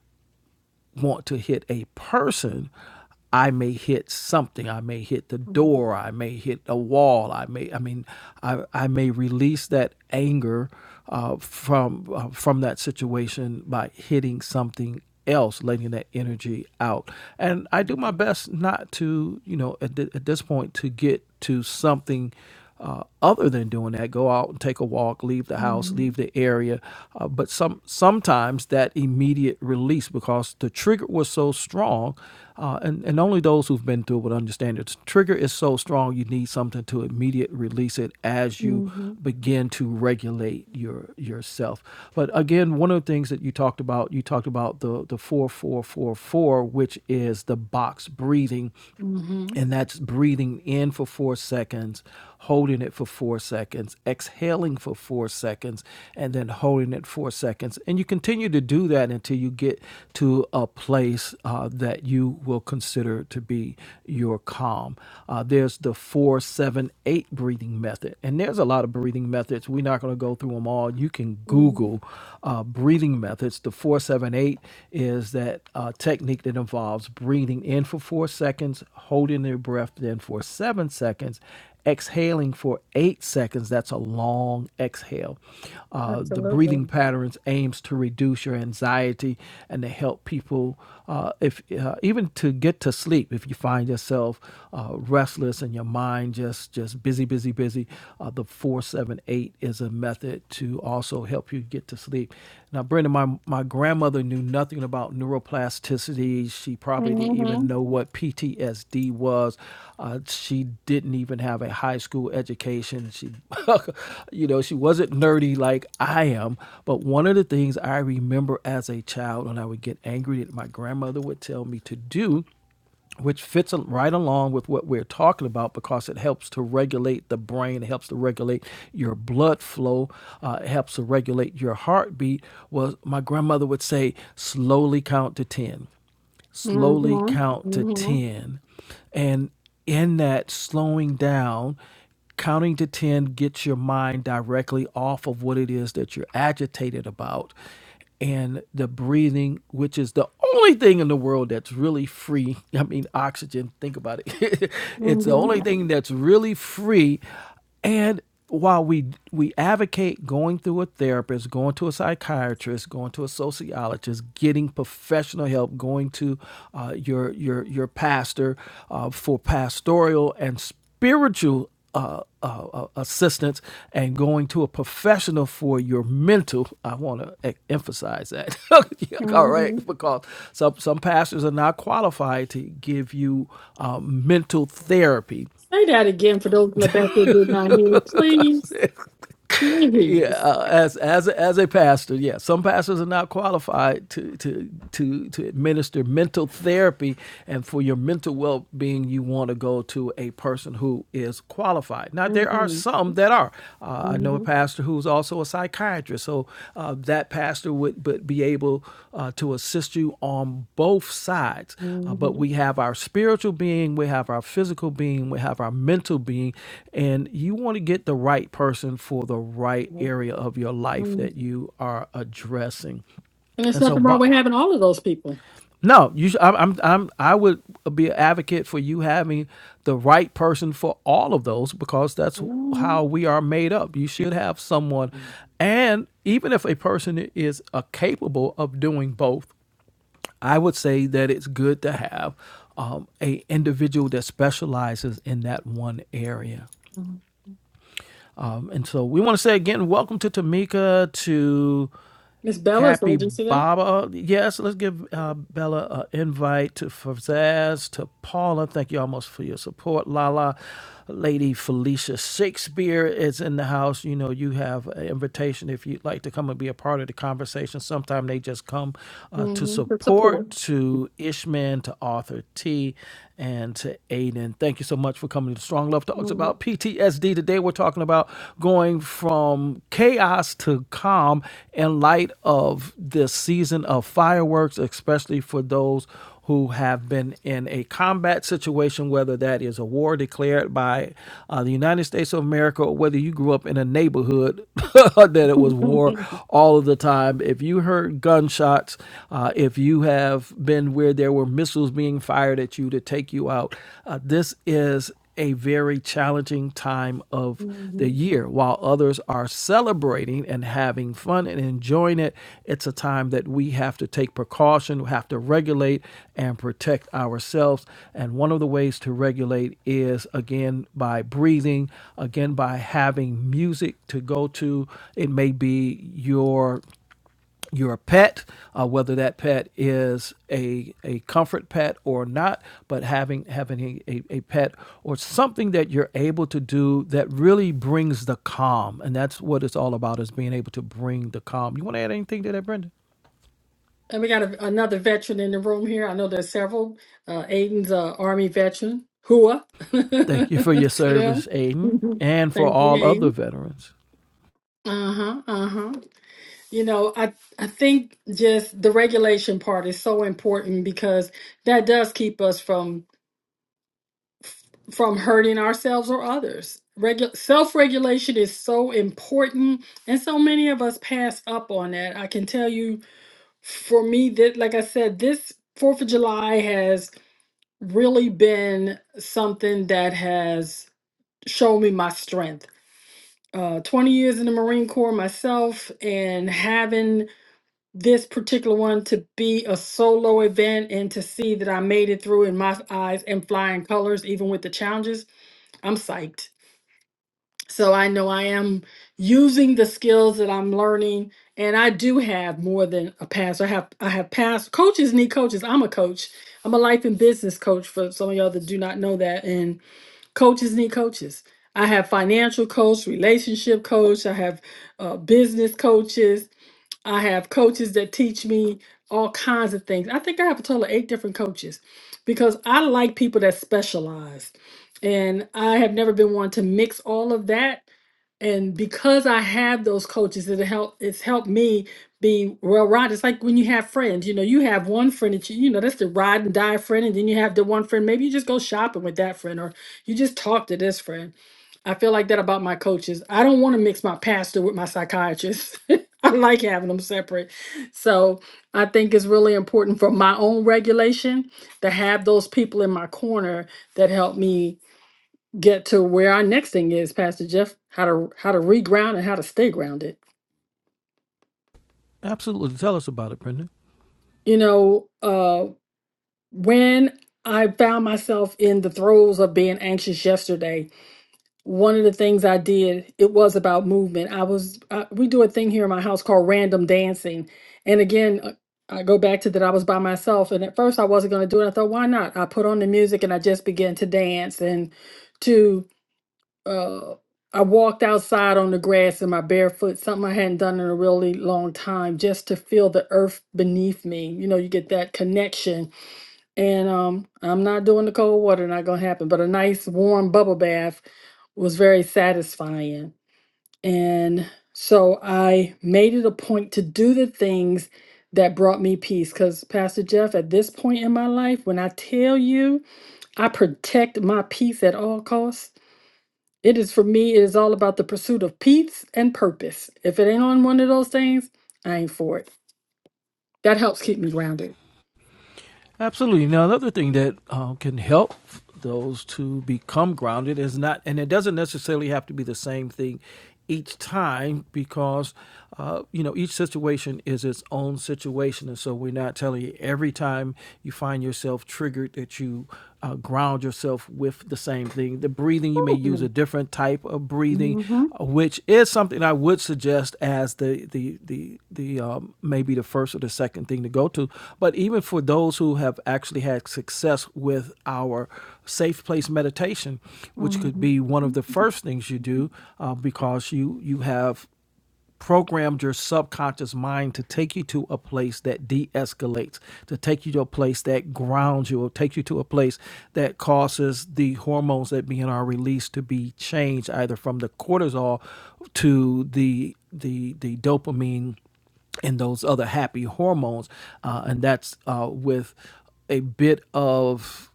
Speaker 2: want to hit a person, I may hit something. I may hit the
Speaker 1: Mm-hmm.
Speaker 2: door. I may hit a wall. I may, I mean, I, I may release that anger uh, from uh, from that situation by hitting something else, letting that energy out. And I do my best not to, you know, at, th- at this point to get to something uh, other than doing that, go out and take a walk, leave the house,
Speaker 1: Mm-hmm.
Speaker 2: leave the area. Uh, but some sometimes that immediate release because the trigger was so strong, uh, and and only those who've been through it would understand it. The Trigger is so strong, you need something to immediate release it as you
Speaker 1: hmm
Speaker 2: begin to regulate your yourself. But again, one of the things that you talked about, you talked about the the four four four four, which is the box breathing
Speaker 1: mm hmm mm
Speaker 2: and that's breathing in for four seconds, holding it for four seconds, exhaling for four seconds, and then holding it four seconds. And you continue to do that until you get to a place uh, that you will consider to be your calm. Uh, there's the four, seven, eight breathing method. And there's a lot of breathing methods. We're not going to go through them all. You can
Speaker 1: hmm
Speaker 2: Google uh, breathing methods, the 478 478 is that uh, technique that involves breathing in for four seconds, holding your breath in for seven seconds, exhaling for eight seconds. That's a long exhale. Uh, the breathing
Speaker 1: Absolutely.
Speaker 2: patterns aims to reduce your anxiety and to help people, uh, if uh, even to get to sleep. If you find yourself uh, restless and your mind just just busy, busy, busy, uh, the four seven eight is a method to also help you get to sleep. Now, Brenda, my, my grandmother knew nothing about neuroplasticity. She probably didn't even know what PTSD was. Uh, she didn't even have a high school education. She, you know, she wasn't nerdy like I am. But one of the things I remember as a child, and I would get angry that my grandmother would tell me to do which fits right along with what we're talking about because it helps to regulate the brain, it helps to regulate your blood flow, uh, it helps to regulate your heartbeat. Well, my grandmother would say, slowly count to 10 slowly
Speaker 1: Mm-hmm.
Speaker 2: count to
Speaker 1: Mm-hmm.
Speaker 2: 10. And in that slowing down, counting to 10 gets your mind directly off of what it is that you're agitated about. And the breathing, which is the only thing in the world that's really free. I mean, oxygen, think about it. it's the
Speaker 1: Mm-hmm.
Speaker 2: only thing that's really free and while we we advocate going through a therapist, going to a psychiatrist, going to a sociologist, getting professional help, going to uh, your your your pastor uh, for pastoral and spiritual uh, uh, uh, assistance, and going to a professional for your mental. I want to e- emphasize that. All right,
Speaker 1: Mm-hmm.
Speaker 2: because some some pastors are not qualified to give you uh, mental therapy
Speaker 1: Say that again for those in the back that did not hear. Please.
Speaker 2: yeah,
Speaker 1: Please.
Speaker 2: uh, as as as a pastor, yeah, some pastors are not qualified to to to to administer mental therapy, and for your mental well being, you want to go to a person who is qualified. Now, there are
Speaker 1: Mm-hmm.
Speaker 2: some that are. Uh, I know a
Speaker 1: Mm-hmm.
Speaker 2: pastor who's also a psychiatrist, so uh, that pastor would but be able uh, to assist you on both sides. Uh, but we
Speaker 1: Mm-hmm.
Speaker 2: have our spiritual being, we have our physical being, we have our mental being, and you want to get the right person for the right area of your life
Speaker 1: And
Speaker 2: that you are addressing.
Speaker 1: there's
Speaker 2: And so,
Speaker 1: nothing wrong
Speaker 2: Bob.
Speaker 1: with having all of those people.
Speaker 2: No, you. Sh- I'm, I'm. I'm. I would be an advocate for you having the right person for all of those because that's
Speaker 1: Mm-hmm.
Speaker 2: how we are made up. You should have someone, and even if a person is uh, capable of doing both, I would say that it's good to have um, a individual that specializes in that one area. Um, and so we want to say again, welcome to Tamika, to
Speaker 1: Miss Bella, so
Speaker 2: Cappy
Speaker 1: did you see that?
Speaker 2: Baba. Yes, let's give uh, Bella an invite to for to Paula. Thank you almost for your support. Lala, Lady Felicia Shakespeare is in the house. You know, you have an invitation if you'd like to come and be a part of the conversation. Sometimes they just come uh, to
Speaker 1: Mm-hmm. For support.
Speaker 2: support, to Ishman, to Arthur T, and to Aiden Thank you so much for coming to Strong Love Talks about PTSD. Today we're talking about going from chaos to calm in light of this season of fireworks, especially for those who have been in a combat situation, whether that is a war declared by uh, the United States of America or whether you grew up in a neighborhood that it was war all of the time. If you heard gunshots, uh, if you have been been where there were missiles being fired at you to take you out. Uh, this is a very challenging time of
Speaker 1: hmm
Speaker 2: the
Speaker 1: And
Speaker 2: year. While others are celebrating and having fun and enjoying it, it's a time that we have to take precaution, we have to regulate and protect ourselves. And one of the ways to regulate is again by breathing, again by having music to go to. It may be your your pet, uh, whether that pet is a, a comfort pet or not, but having having a, a, a pet or something that you're able to do that really brings the calm. And that's what it's all about is being able to bring the calm. You want to add anything to that, Brendan?
Speaker 1: we got a, another veteran in the room here. I know there's several. Uh, Aiden's uh, Army veteran. Hua.
Speaker 2: Thank you for your
Speaker 1: to
Speaker 2: service,
Speaker 1: them.
Speaker 2: Aiden,
Speaker 1: Mhm.
Speaker 2: and for
Speaker 1: Thank
Speaker 2: all
Speaker 1: you,
Speaker 2: other veterans.
Speaker 1: Uh-huh, uh-huh. You know, I I think just the regulation part is so important because that does keep us from from hurting ourselves or others. Regu- self-regulation is so important, and so many of us pass up on that. I can tell you for me that like I said, this 4th of July has really been something that has shown me my strength. Uh, 20 years in the Marine Corps myself and having this particular one to be a solo event and to see that I made it through in my eyes and flying colors, even with the challenges, I'm psyched. So I know I am using the skills that I'm learning, and I do have more than a pass. I have I have passed. Coaches need coaches. I'm a coach. I'm a life and business coach for some of y'all that do not know that. And coaches need coaches. I have financial coach, relationship coach. I have uh, business coaches I have coaches that teach me all kinds of things. I think I have a total of eight different coaches because I like people that specialize. And I have never been one to mix all of that. And because I have those coaches, it help it's helped me be well right. It's like when you have friends, you know, you have one friend that you, you know, that's the ride and die friend, and then you have the one friend, maybe you just go shopping with that friend or you just talk to this friend. I feel like that about my coaches. I don't want to mix my pastor with my psychiatrist. I like having them separate. So I think it's really important for my own regulation to have those people in my corner that help me get to where our next thing is, Pastor Jeff, how to how to reground and how to stay grounded.
Speaker 2: Absolutely. Tell us about it, Brendan.
Speaker 1: You know, uh when I found myself in the throes of being anxious yesterday, one of the things I did, it was about movement. I was, uh, we do a thing here in my house called random dancing. And again, uh, I go back to that I was by myself. And at first I wasn't going to do it. I thought, why not? I put on the music and I just began to dance and to, uh, I walked outside on the grass in my barefoot, something I hadn't done in a really long time, just to feel the earth beneath me. You know, you get that connection. And um, I'm not doing the cold water, not gonna happen, but a nice warm bubble bath was very satisfying. And so I made it a point to do the things that brought me peace. Because, Pastor Jeff, at this point in my life, when I tell you I protect my peace at all costs, it is for me, it is all about the pursuit of peace and purpose. If it ain't on one of those things, I ain't for it. That helps keep me grounded.
Speaker 2: Absolutely. Now, another thing that uh, can help those to become grounded is not, and it doesn't necessarily have to be the same thing each time because, uh, you know, each situation is its own situation. And so we're not telling you every time you find yourself triggered that you uh, ground yourself with the same thing. The breathing. The breathing, you may use a
Speaker 1: Mhm.
Speaker 2: different type of breathing,
Speaker 1: Mhm.
Speaker 2: uh, which is something I would suggest as the the the the um, maybe the first or the second thing to go to. But even for those who have actually had success with our safe place meditation, which could
Speaker 1: Mhm.
Speaker 2: be one of the first things you do, uh, because you you have programmed your subconscious mind to take you to a place that de-escalates to take you to a place that grounds you or take you to a place that causes the hormones that being are released to be changed either from the cortisol to the the the dopamine and those other happy hormones uh, and that's uh, with a bit of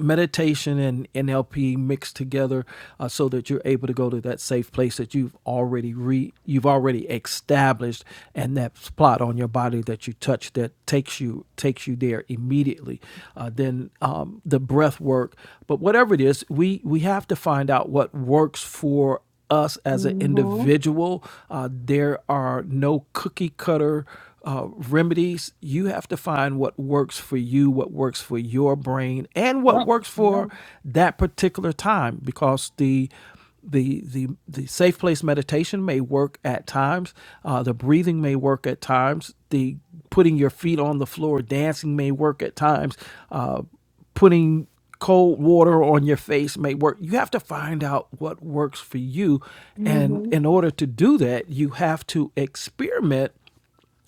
Speaker 2: meditation and NLP mixed together uh, so that you're able to go to that safe place that you've already re you've already established and that spot on your body that you touch that takes you takes you there immediately uh, then um, the breath work but whatever it is we we have to find out what works for us as an
Speaker 1: Mhm.
Speaker 2: individual. Uh, there are no cookie cutter uh, remedies. You have to find what works for you, what works for your brain, and what
Speaker 1: Yep.
Speaker 2: works for
Speaker 1: Yep.
Speaker 2: that particular time because the the, the the safe place meditation may work at times. Uh, the breathing may work at times. The putting your feet on the floor, dancing may work at times. Uh, putting cold water on your face may work. You have to find out what works for you. And in
Speaker 1: Mhm.
Speaker 2: order to do that, you have to experiment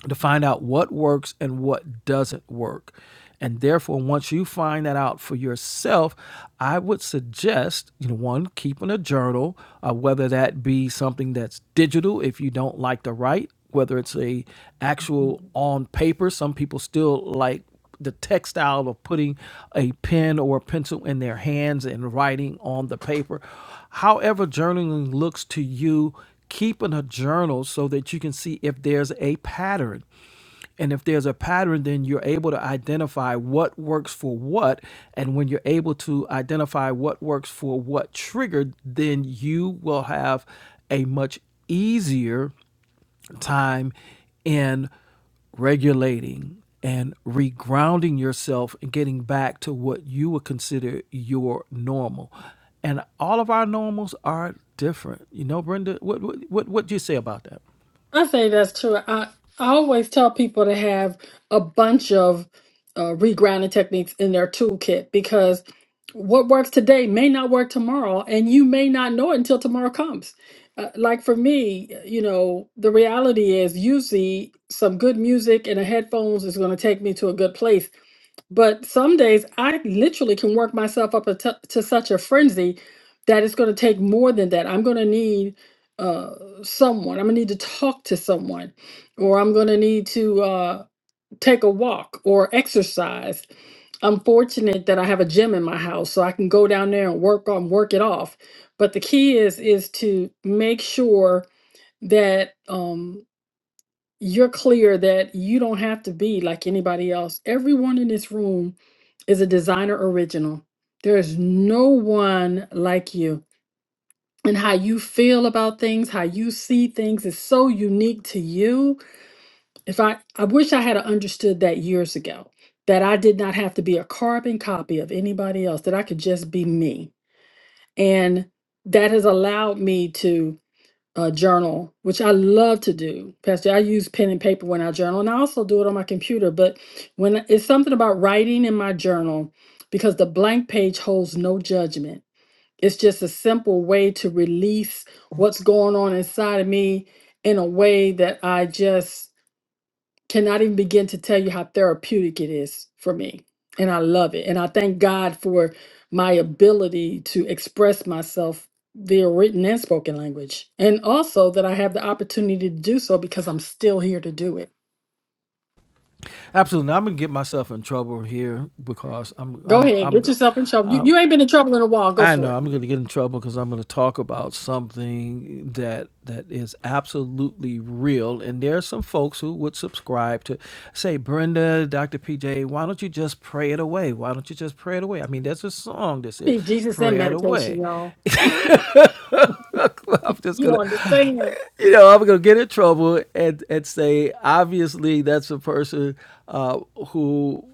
Speaker 2: to find out what works and what doesn't work. And therefore, once you find that out for yourself, I would suggest, you know, one, keeping a journal, uh, whether that be something that's digital if you don't like to write, whether it's a actual on paper. Some people still like the textile of putting a pen or a pencil in their hands and writing on the paper. However, journaling looks to you, keeping a journal so that you can see if there's a pattern. And if there's a pattern, then you're able to identify what works for what. And when you're able to identify what works for what trigger, then you will have a much easier time in regulating and regrounding yourself and getting back to what you would consider your normal. And all of our normals are different. You know, Brenda, what what what, what do you say about that?
Speaker 1: I think that's true. I, I always tell people to have a bunch of uh, regrinding techniques in their toolkit because what works today may not work tomorrow, and you may not know it until tomorrow comes. Uh, like for me, you know, the reality is usually some good music and a headphones is going to take me to a good place but some days I literally can work myself up a t- to such a frenzy that it's going to take more than that. I'm going to need uh, someone. I'm going to need to talk to someone, or I'm going to need to uh, take a walk or exercise. I'm fortunate that I have a gym in my house, so I can go down there and work on work it off. But the key is is to make sure that um, you're clear that you don't have to be like anybody else. Everyone in this room is a designer original. There is no one like you. And how you feel about things, how you see things is so unique to you. If I I wish I had understood that years ago, that I did not have to be a carbon copy of anybody else, that I could just be me. And that has allowed me to uh, journal, which I love to do. Pastor, I use pen and paper when I journal, and I also do it on my computer. But when it's something about writing in my journal, because the blank page holds no judgment, it's just a simple way to release what's going on inside of me in a way that I just cannot even begin to tell you how therapeutic it is for me. And I love it. And I thank God for my ability to express myself via written and spoken language. And also that I have the opportunity to do so because I'm still here to do it.
Speaker 2: Absolutely. Now, I'm gonna get myself in trouble here because I'm
Speaker 1: Go
Speaker 2: I'm
Speaker 1: ahead, get
Speaker 2: I'm
Speaker 1: yourself in trouble. You,
Speaker 2: uh,
Speaker 1: you ain't been in trouble in a while. Go
Speaker 2: I
Speaker 1: for
Speaker 2: know
Speaker 1: it.
Speaker 2: I'm going to get in trouble because I'm going to talk about something that that is absolutely real, and there are some folks who would subscribe to say, Brenda, Dr. PJ, why don't you just pray it away? Why don't you just pray it away? I mean, there's a song that
Speaker 1: I
Speaker 2: says,
Speaker 1: mean, Jesus and
Speaker 2: "Pray it
Speaker 1: medication,
Speaker 2: away."
Speaker 1: y'all.
Speaker 2: I'm just
Speaker 1: You
Speaker 2: gonna,
Speaker 1: don't understand.
Speaker 2: you know, I'm gonna get in trouble and and say obviously that's a person uh, who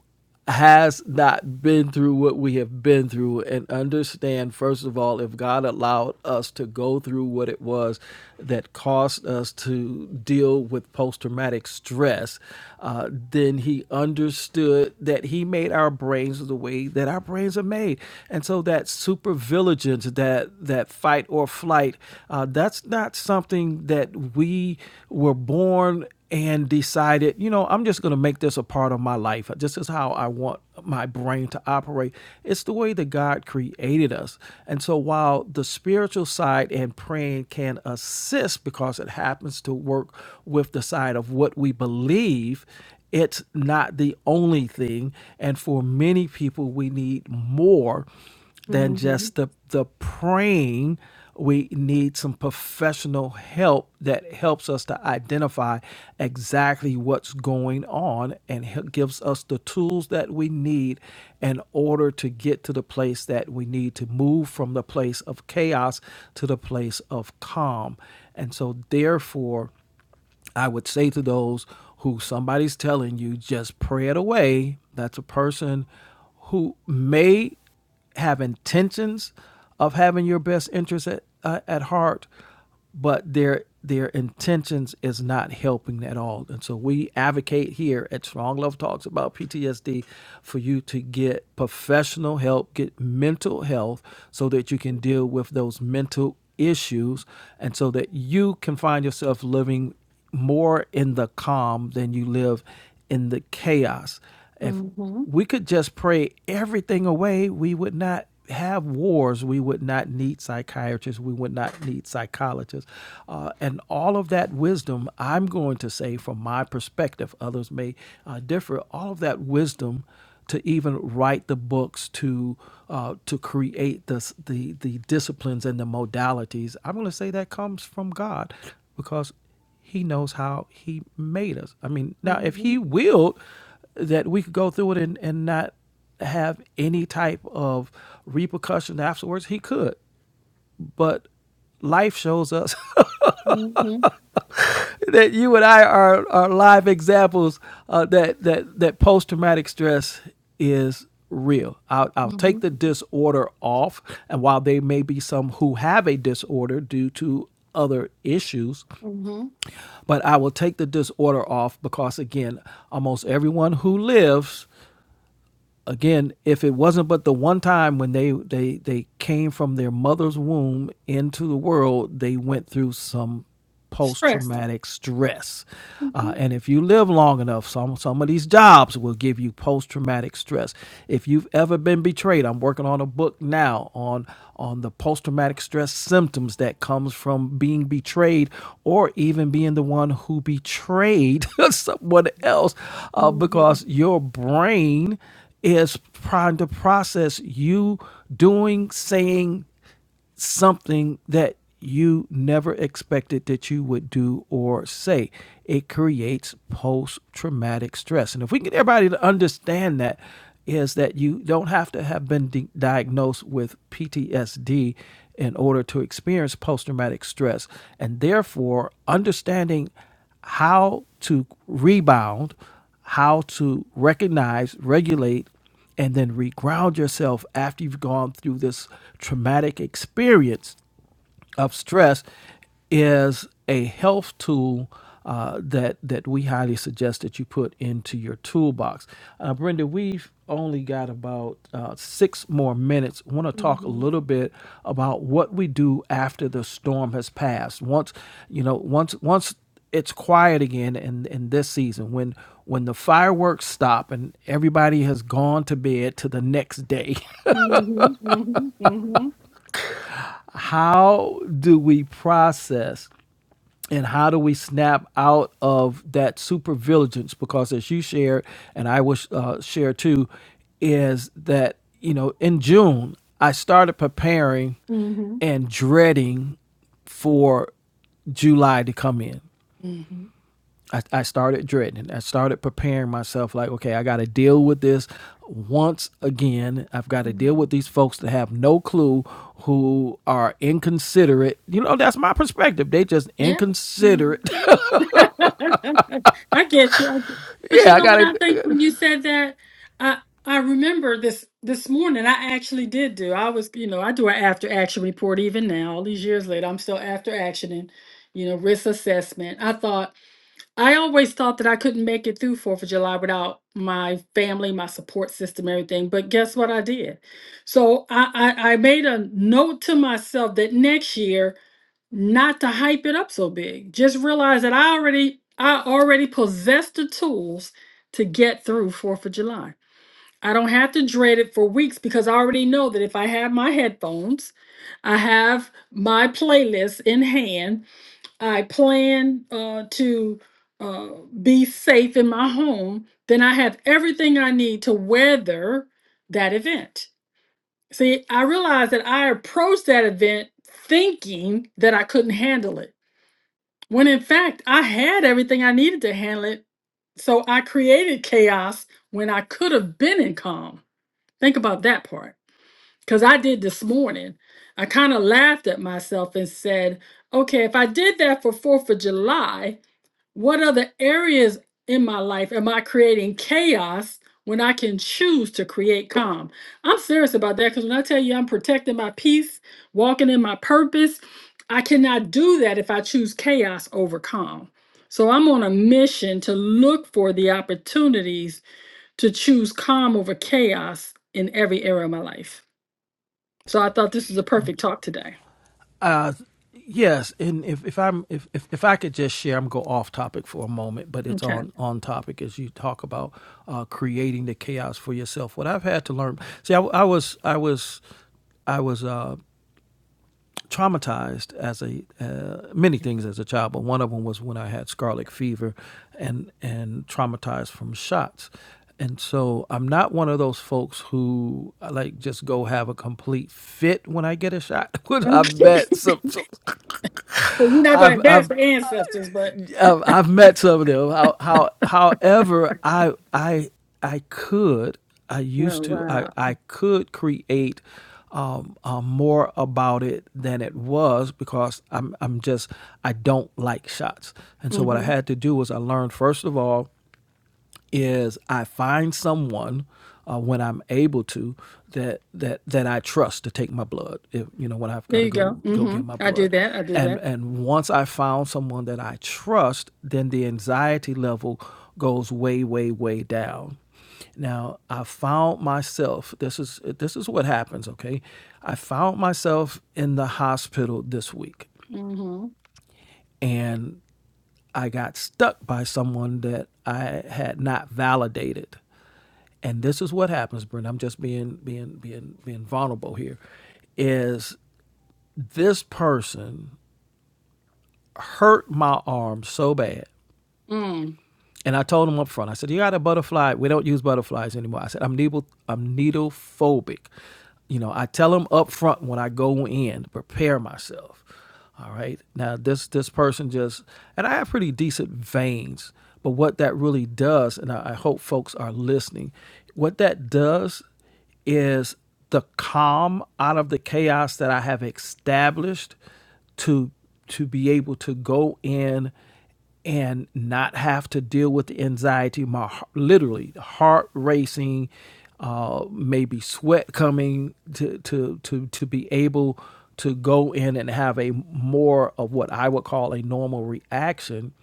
Speaker 2: has not been through what we have been through and understand first of all if God allowed us to go through what it was that caused us to deal with post traumatic stress uh, then he understood that he made our brains the way that our brains are made and so that supervigilance, that that fight or flight, uh, that's not something that we were born and decided, you know, I'm just going to make this a part of my life. This is how I want my brain to operate. It's the way that God created us. And so while the spiritual side and praying can assist because it happens to work with the side of what we believe it's not the only thing. And for many people, we need more than
Speaker 1: hmm
Speaker 2: just the, the praying. We need some professional help that helps us to identify exactly what's going on and he- gives us the tools that we need in order to get to the place that we need to move from the place of chaos to the place of calm. And so, therefore, I would say to those who somebody's telling you just pray it away, that's a person who may have intentions of having your best interest at, uh, at heart, but their their intentions is not helping at all. And so we advocate here at Strong Love Talks about PTSD for you to get professional help, get mental health so that you can deal with those mental issues and so that you can find yourself living more in the calm than you live in the chaos. If
Speaker 1: hmm
Speaker 2: we could just pray everything away, we would not have wars. We would not need psychiatrists. We would not need psychologists. Uh, and all of that wisdom, I'm going to say from my perspective, others may uh, differ, all of that wisdom to even write the books to uh, to create this, the the disciplines and the modalities. I'm going to say that comes from God, because he knows how he made us. I mean, now if he willed that we could go through it and, and not have any type of repercussion afterwards, he could. But life shows us
Speaker 1: Mhm,
Speaker 2: that you and I are, are live examples uh, that that that post traumatic stress is real. I'll, I'll take
Speaker 1: mhm,
Speaker 2: the disorder off, and while there may be some who have a disorder due to other issues,
Speaker 1: mhm, mhm,
Speaker 2: But I will take the disorder off because, again, almost everyone who lives again, if it wasn't but the one time when they they they came from their mother's womb into the world, they went through some post traumatic stress. Uh,
Speaker 1: mhm,
Speaker 2: and if you live long enough, some some of these jobs will give you post traumatic stress. If you've ever been betrayed, I'm working on a book now on on the post traumatic stress symptoms that comes from being betrayed or even being the one who betrayed someone else, uh,
Speaker 1: mhm,
Speaker 2: because your brain is trying to process you doing, saying something that you never expected that you would do or say. It creates post traumatic stress. And if we can get everybody to understand that, is that you don't have to have been di- diagnosed with PTSD in order to experience post traumatic stress. And therefore, understanding how to rebound, how to recognize, regulate, and then reground yourself after you've gone through this traumatic experience of stress is a health tool uh, that that we highly suggest that you put into your toolbox. Uh, Brenda, we've only got about uh, six more minutes. Want to talk a
Speaker 1: mhm,
Speaker 2: little bit about what we do after the storm has passed. Once you know, once once it's quiet again in, in this season when when the fireworks stop and everybody has gone to bed to the next day
Speaker 1: mhm, mhm,
Speaker 2: how do we process and how do we snap out of that super vigilance? Because as you shared, and I will uh, share too, is that you know in June I started preparing
Speaker 1: mhm,
Speaker 2: and dreading for July to come in.
Speaker 1: mhm,
Speaker 2: I, I started dreading. it. I started preparing myself like, okay, I got to deal with this once again. I've got to deal with
Speaker 1: mhm.
Speaker 2: these folks that have no clue who are inconsiderate. You know, that's my perspective. They just
Speaker 1: Yeah. Mhm.
Speaker 2: inconsiderate
Speaker 1: I get you. I get, but
Speaker 2: Yeah,
Speaker 1: you
Speaker 2: I
Speaker 1: know
Speaker 2: got
Speaker 1: what I
Speaker 2: it.
Speaker 1: think when you said that, I I remember this this morning. I actually did do. I was, you know, I do an after action report even now. All these years later, I'm still after actioning, you know, risk assessment. I thought I always thought that I couldn't make it through Fourth of July without my family, my support system, everything. But guess what I did? So I, I, I made a note to myself that next year not to hype it up so big. Just realize that I already I already possess the tools to get through Fourth of July. I don't have to dread it for weeks because I already know that if I have my headphones, I have my playlist in hand, I plan uh, to uh, be safe in my home, then I have everything I need to weather that event. See, I realized that I approached that event thinking that I couldn't handle it, when in fact, I had everything I needed to handle it. So I created chaos when I could have been in calm. Think about that part. Because I did this morning. I kind of laughed at myself and said, okay, if I did that for 4th of July, what other areas in my life am I creating chaos when I can choose to create calm? I'm serious about that because when I tell you I'm protecting my peace, walking in my purpose, I cannot do that if I choose chaos over calm. So I'm on a mission to look for the opportunities to choose calm over chaos in every area of my life. So I thought this was a perfect talk today.
Speaker 2: Uh, yes, and if, if I'm if, if if I could just share, I'm go off topic for a moment, but it's
Speaker 1: Okay.
Speaker 2: on on topic as you talk about uh, creating the chaos for yourself. What I've had to learn, see, I, I was I was I was uh, traumatized as a uh, many things as a child, but one of them was when I had scarlet fever, and and traumatized from shots. And so I'm not one of those folks who like just go have a complete fit when I get a shot. I've
Speaker 1: well,
Speaker 2: met some, some
Speaker 1: you're not going to
Speaker 2: I've
Speaker 1: dance
Speaker 2: I've
Speaker 1: for ancestors, but.
Speaker 2: um, I've met some of them. How, how, however, I I I could I used to I
Speaker 1: Uh
Speaker 2: I could create um, uh, more about it than it was because I'm I'm just I don't like shots, and so what I
Speaker 1: mhm.
Speaker 2: had to do was I learned first of all is I find someone uh, when I'm able to that that that I trust to take my blood. If you know when I've got
Speaker 1: There
Speaker 2: to
Speaker 1: you go.
Speaker 2: go go
Speaker 1: hmm
Speaker 2: get my
Speaker 1: I do
Speaker 2: blood,
Speaker 1: that. I do
Speaker 2: and
Speaker 1: that.
Speaker 2: and once I found someone that I trust, then the anxiety level goes way way way down. Now I found myself. This is this is what happens. Okay, I found myself in the hospital this week,
Speaker 1: hmm
Speaker 2: and I got stuck by someone that I had not validated and this is what happens, Brent. I'm just being being being being vulnerable here. Is this person hurt my arm so bad
Speaker 1: Mm.
Speaker 2: And I told him up front, I said, You got a butterfly. We don't use butterflies anymore. I said, I'm needle I'm needle phobic. You know, I tell them up front when I go in, prepare myself. All right. Now this this person just and I have pretty decent veins, but what that really does, and I, I hope folks are listening, what that does is the calm out of the chaos that I have established to to be able to go in and not have to deal with the anxiety, my literally heart racing, uh, maybe sweat coming to to to to be able to go in and have a more of what I would call a normal reaction,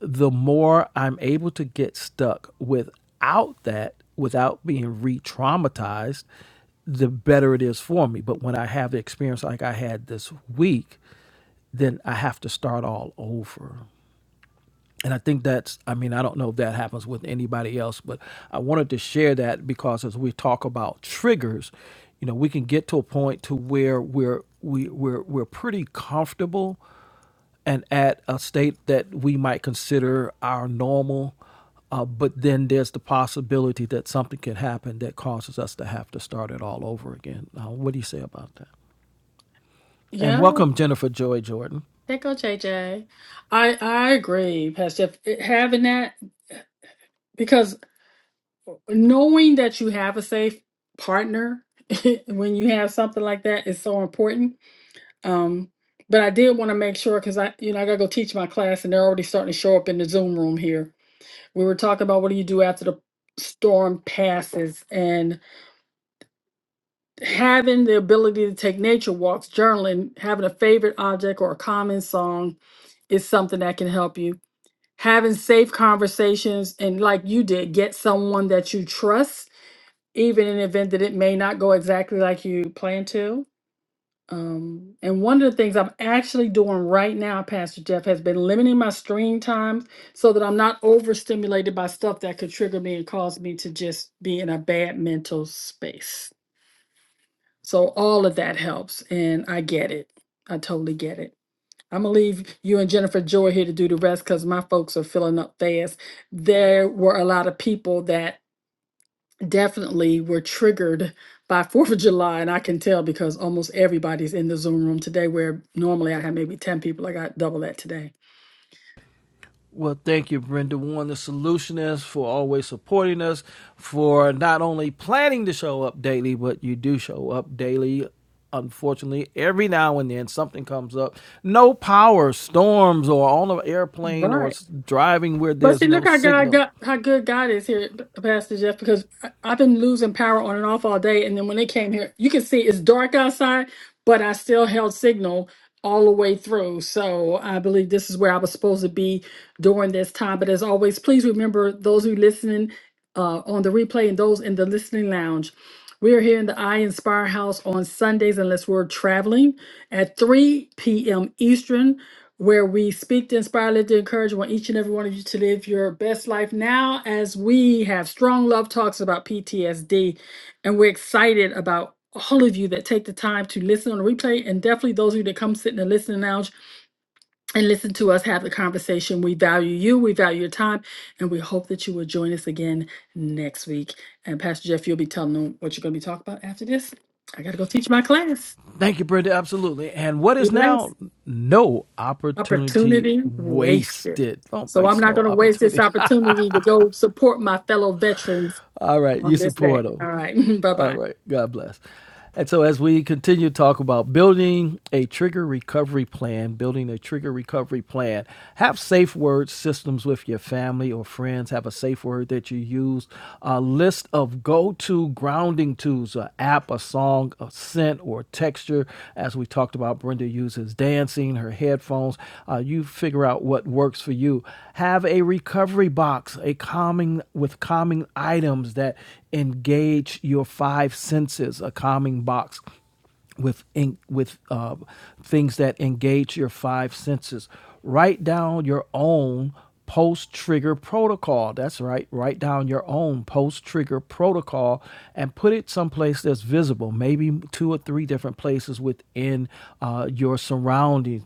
Speaker 2: the more I'm able to get stuck without that, without being re-traumatized, the better it is for me. But when I have the experience like I had this week, then I have to start all over. And I think that's, I mean, I don't know if that happens with anybody else, but I wanted to share that because as we talk about triggers, you know, we can get to a point to where we're, we, we're, we're pretty comfortable and at a state that we might consider our normal. Uh, but then there's the possibility that something could happen that causes us to have to start it all over again. Uh, what do you say about that? And
Speaker 1: Yeah.
Speaker 2: welcome, Jennifer Joy Jordan.
Speaker 1: There go JJ. I I agree, Pastor. Jeff. It- Having that because knowing that you have a safe partner when you have something like that is so important um but i did want to make sure because i you know i gotta go teach my class and they're already starting to show up in the zoom room here we were talking about what do you do after the storm passes and. having the ability to take nature walks, journaling, having a favorite object or a common song is something that can help you. Having safe conversations and, like you did, get someone that you trust, even in the event that it may not go exactly like you plan to. Um, and one of the things I'm actually doing right now, Pastor Jeff, has been limiting my screen time so that I'm not overstimulated by stuff that could trigger me and cause me to just be in a bad mental space. So all of that helps, and I get it. I totally get it. I'm gonna leave you and Jennifer Joy here to do the rest because my folks are filling up fast. There were a lot of people that definitely were triggered by Fourth of July, and I can tell because almost everybody's in the Zoom room today. Where normally I have maybe ten people, I got double that today.
Speaker 2: Well, thank you, Brenda Warren, the solutionist, for always supporting us, for not only planning to show up daily, but you do show up daily. Unfortunately, every now and then something comes up. No power, storms, or on an airplane, or
Speaker 1: Right.
Speaker 2: s- driving where
Speaker 1: But
Speaker 2: there's
Speaker 1: see,
Speaker 2: no
Speaker 1: look how God
Speaker 2: signal.
Speaker 1: got how good God is here, Pastor Jeff. Because I, I've been losing power on and off all day, and then when they came here, you can see it's dark outside, but I still held signal all the way through. So I believe this is where I was supposed to be during this time. But as always, please remember those who listening uh, on the replay and those in the listening lounge. We are here in the I Inspire House on Sundays, unless we're traveling at 3 p.m. Eastern where we speak to inspire, live to encourage I want each and every one of you to live your best life now as we have strong love talks about PTSD. And we're excited about all of you that take the time to listen on the replay and definitely those of you that come sit in the listening lounge and listen to us have the conversation. We value you, we value your time, and we hope that you will join us again next week. And Pastor Jeff, you'll be telling them what you're going to be talking about after this. I got to go teach my class.
Speaker 2: Thank you, Brenda. Absolutely. And what
Speaker 1: Be
Speaker 2: is
Speaker 1: blessed.
Speaker 2: now no opportunity
Speaker 1: opportunity wasted.
Speaker 2: wasted? Don't
Speaker 1: So I'm
Speaker 2: waste
Speaker 1: not
Speaker 2: no
Speaker 1: going to waste this
Speaker 2: opportunity.
Speaker 1: opportunity to go support my fellow veterans
Speaker 2: All right, you
Speaker 1: on this day.
Speaker 2: support
Speaker 1: All
Speaker 2: them.
Speaker 1: right. Bye
Speaker 2: All
Speaker 1: bye.
Speaker 2: right. God bless. And so, as we continue to talk about building a trigger recovery plan, building a trigger recovery plan, have safe word systems with your family or friends. Have a safe word that you use. A list of go to grounding tools, an app, a song, a scent, or texture. As we talked about, Brenda uses dancing, her headphones. Uh, you figure out what works for you. Have a recovery box, a calming with calming calming items that engage your five senses, a calming box with in, with uh, things that engage your five senses. Write down your own post trigger protocol. That's right. Write down your own post trigger protocol and put it someplace that's visible, maybe two or three different places within uh, your surroundings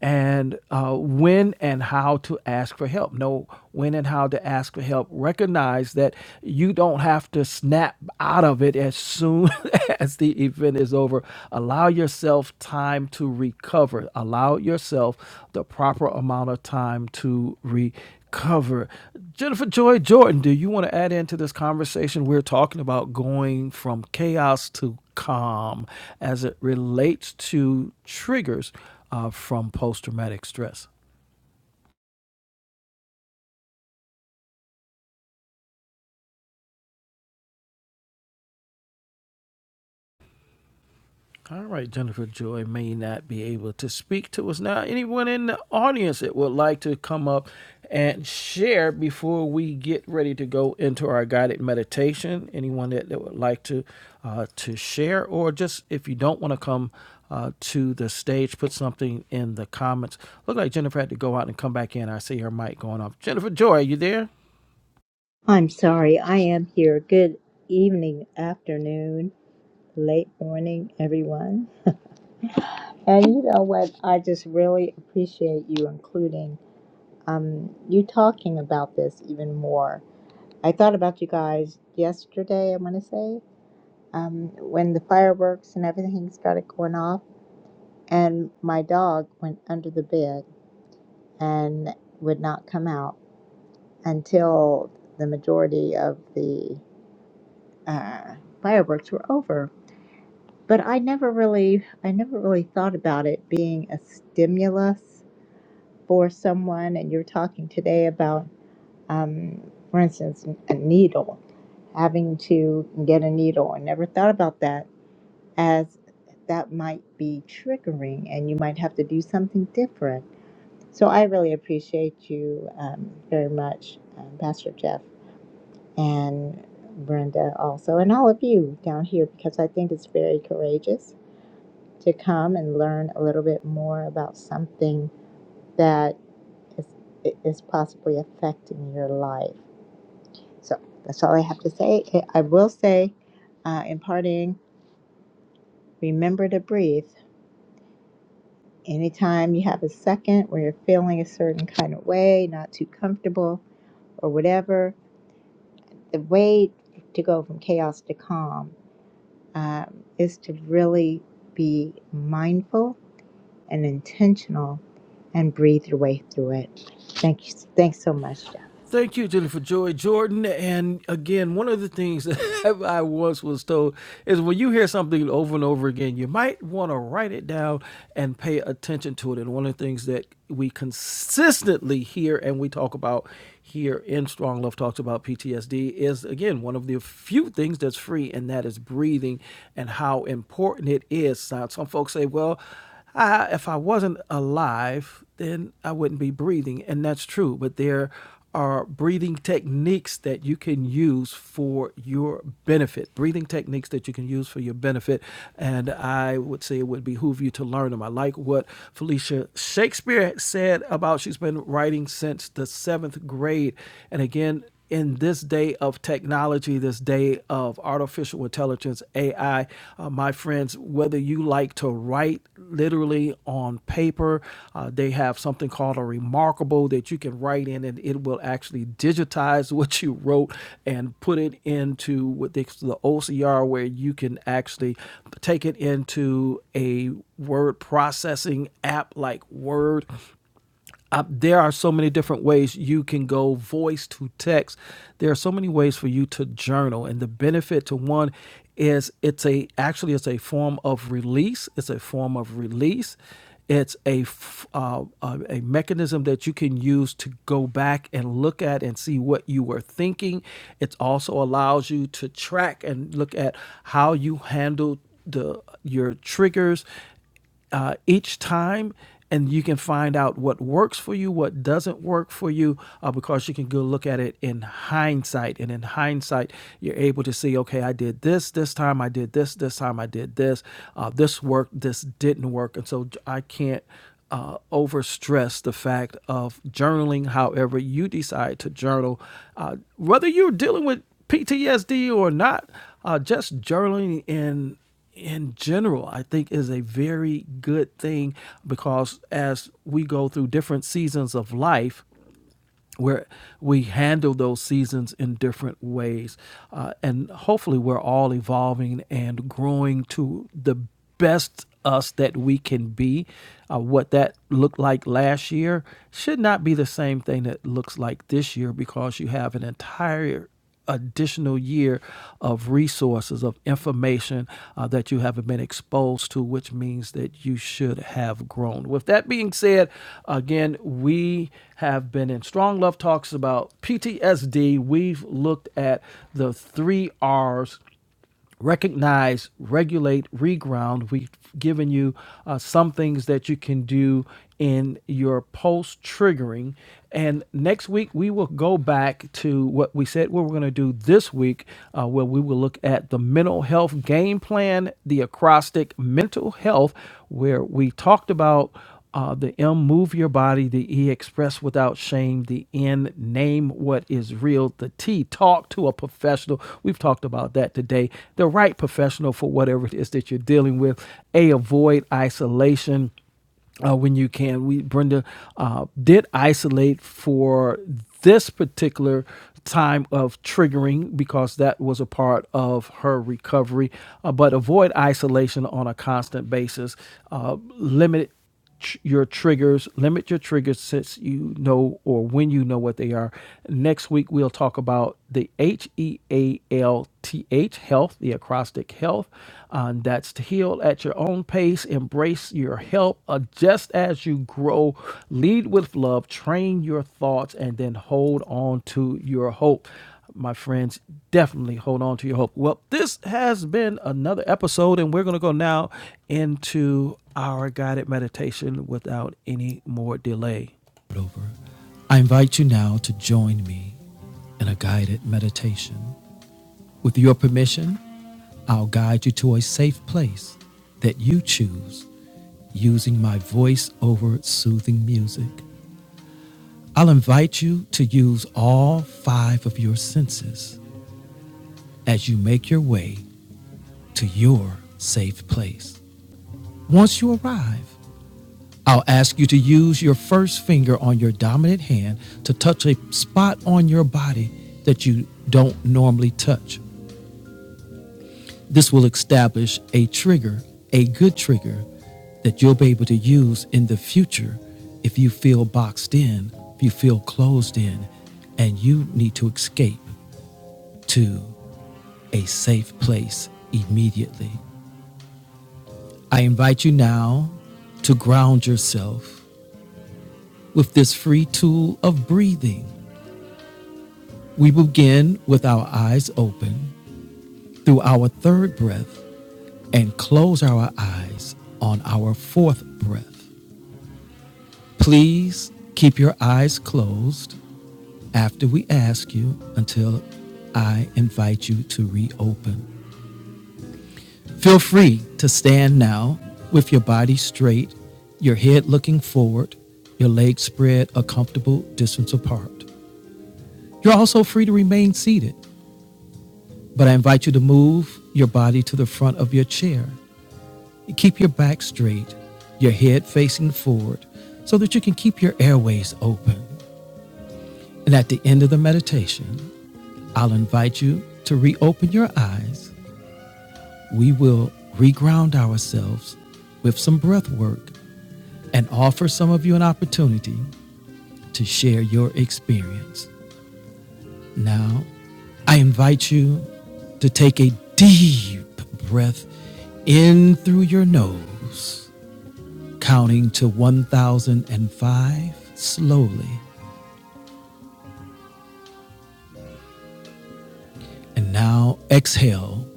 Speaker 2: and uh, when and how to ask for help. Know when and how to ask for help. Recognize that you don't have to snap out of it as soon as the event is over. Allow yourself time to recover. Allow yourself the proper amount of time to recover. Jennifer Joy Jordan, do you want to add into this conversation? We're talking about going from chaos to calm as it relates to triggers uh, from post traumatic stress. All right, Jennifer Joy may not be able to speak to us now. Anyone in the audience that would like to come up and share before we get ready to go into our guided meditation? Anyone that, that would like to uh, to share, or just if you don't want to come uh, to the stage, put something in the comments. Look like Jennifer had to go out and come back in. I see her mic going off. Jennifer Joy, are you there?
Speaker 3: I'm sorry, I am here. Good evening, afternoon, late morning, everyone. And you know what? I just really appreciate you including um, you talking about this even more. I thought about you guys yesterday, I want to say, um, when the fireworks and everything started going off, and my dog went under the bed and would not come out until the majority of the uh, fireworks were over. but I never really I never really thought about it being a stimulus for someone. And you're talking today about, um, for instance, a needle, having to get a needle. I never thought about that as that might be triggering, and you might have to do something different. So I really appreciate you um, very much, um, Pastor Jeff and Brenda also, and all of you down here because I think it's very courageous to come and learn a little bit more about something that is, is possibly affecting your life. So that's all I have to say. I will say, uh, in parting, remember to breathe. Anytime you have a second where you're feeling a certain kind of way, not too comfortable or whatever, the way to go from chaos to calm um, is to really be mindful and intentional and breathe your way through it. Thank you. Thanks so much, Jeff.
Speaker 2: Thank you, Jennifer Joy Jordan. And again, one of the things that I once was told is when you hear something over and over again, you might want to write it down and pay attention to it. And one of the things that we consistently hear and we talk about here in Strong Love Talks about PTSD is, again, one of the few things that's free, and that is breathing and how important it is. Now, some folks say, well, I, if I wasn't alive, then I wouldn't be breathing. And that's true. But there are breathing techniques that you can use for your benefit, breathing techniques that you can use for your benefit. And I would say it would behoove you to learn them. I like what Felicia Shakespeare said about she's been writing since the seventh grade. And again, in this day of technology, this day of artificial intelligence, AI, uh, my friends, whether you like to write literally on paper. Uh, they have something called a remarkable that you can write in, and it will actually digitize what you wrote and put it into what they, the OCR, where you can actually take it into a word processing app like Word uh, there are so many different ways you can go voice to text. There are so many ways for you to journal, and the benefit to one is it's a actually it's a form of release. It's a form of release. It's a f- uh, a a mechanism that you can use to go back and look at and see what you were thinking. It also allows you to track and look at how you handled the your triggers uh, each time and you can find out what works for you what doesn't work for you uh, because you can go look at it in hindsight and in hindsight you're able to see okay i did this this time i did this this time i did this uh, this worked this didn't work and so I i can't uh, over stress the fact of journaling however you decide to journal uh, whether you're dealing with ptsd or not uh, just journaling in in general, I think is a very good thing because as we go through different seasons of life, where we handle those seasons in different ways. Uh, and hopefully, we're all evolving and growing to the best us that we can be. Uh, what that looked like last year should not be the same thing that looks like this year because you have an entire additional year of resources of information uh, that you haven't been exposed to which means that you should have grown with that being said again we have been in strong love talks about ptsd we've looked at the three r's recognize, regulate, reground. We've given you uh, some things that you can do in your post triggering. And next week, we will go back to what we said we were going to do this week, uh, where we will look at the mental health game plan, the acrostic mental health, where we talked about. Uh, the M, move your body. The E, express without shame. The N, name what is real. The T, talk to a professional. We've talked about that today. The right professional for whatever it is that you're dealing with. A, avoid isolation uh, when you can. We Brenda uh, did isolate for this particular time of triggering because that was a part of her recovery. Uh, but avoid isolation on a constant basis. Uh, limit tr- your triggers, limit your triggers since you know or when you know what they are. Next week, we'll talk about the H E A L T H, health, the acrostic health. Um, that's to heal at your own pace, embrace your health, adjust as you grow, lead with love, train your thoughts, and then hold on to your hope my friends, definitely hold on to your hope. Well, this has been another episode, and we're going to go now into our guided meditation without any more delay. Over. I invite you now to join me in a guided meditation. With your permission, I'll guide you to a safe place that you choose using my voice over soothing music. I'll invite you to use all five of your senses as you make your way to your safe place. Once you arrive, I'll ask you to use your first finger on your dominant hand to touch a spot on your body that you don't normally touch. This will establish a trigger, a good trigger, that you'll be able to use in the future if you feel boxed in, if you feel closed in, and you need to escape to a safe place immediately. I invite you now to ground yourself With this free tool of breathing, we begin with our eyes open through our third breath and close our eyes on our fourth breath. Please keep your eyes closed after we ask you until I invite you to reopen. Feel free to stand now with your body straight, your head looking forward, your legs spread a comfortable distance apart. You're also free to remain seated But I invite you to move your body to the front of your chair. Keep your back straight, your head facing forward, so that you can keep your airways open. And at the end of the meditation, I'll invite you to reopen your eyes. We will reground ourselves with some breath work and offer some of you an opportunity to share your experience. Now, I invite you to take a deep breath in through your nose, counting to 1005 slowly. And now exhale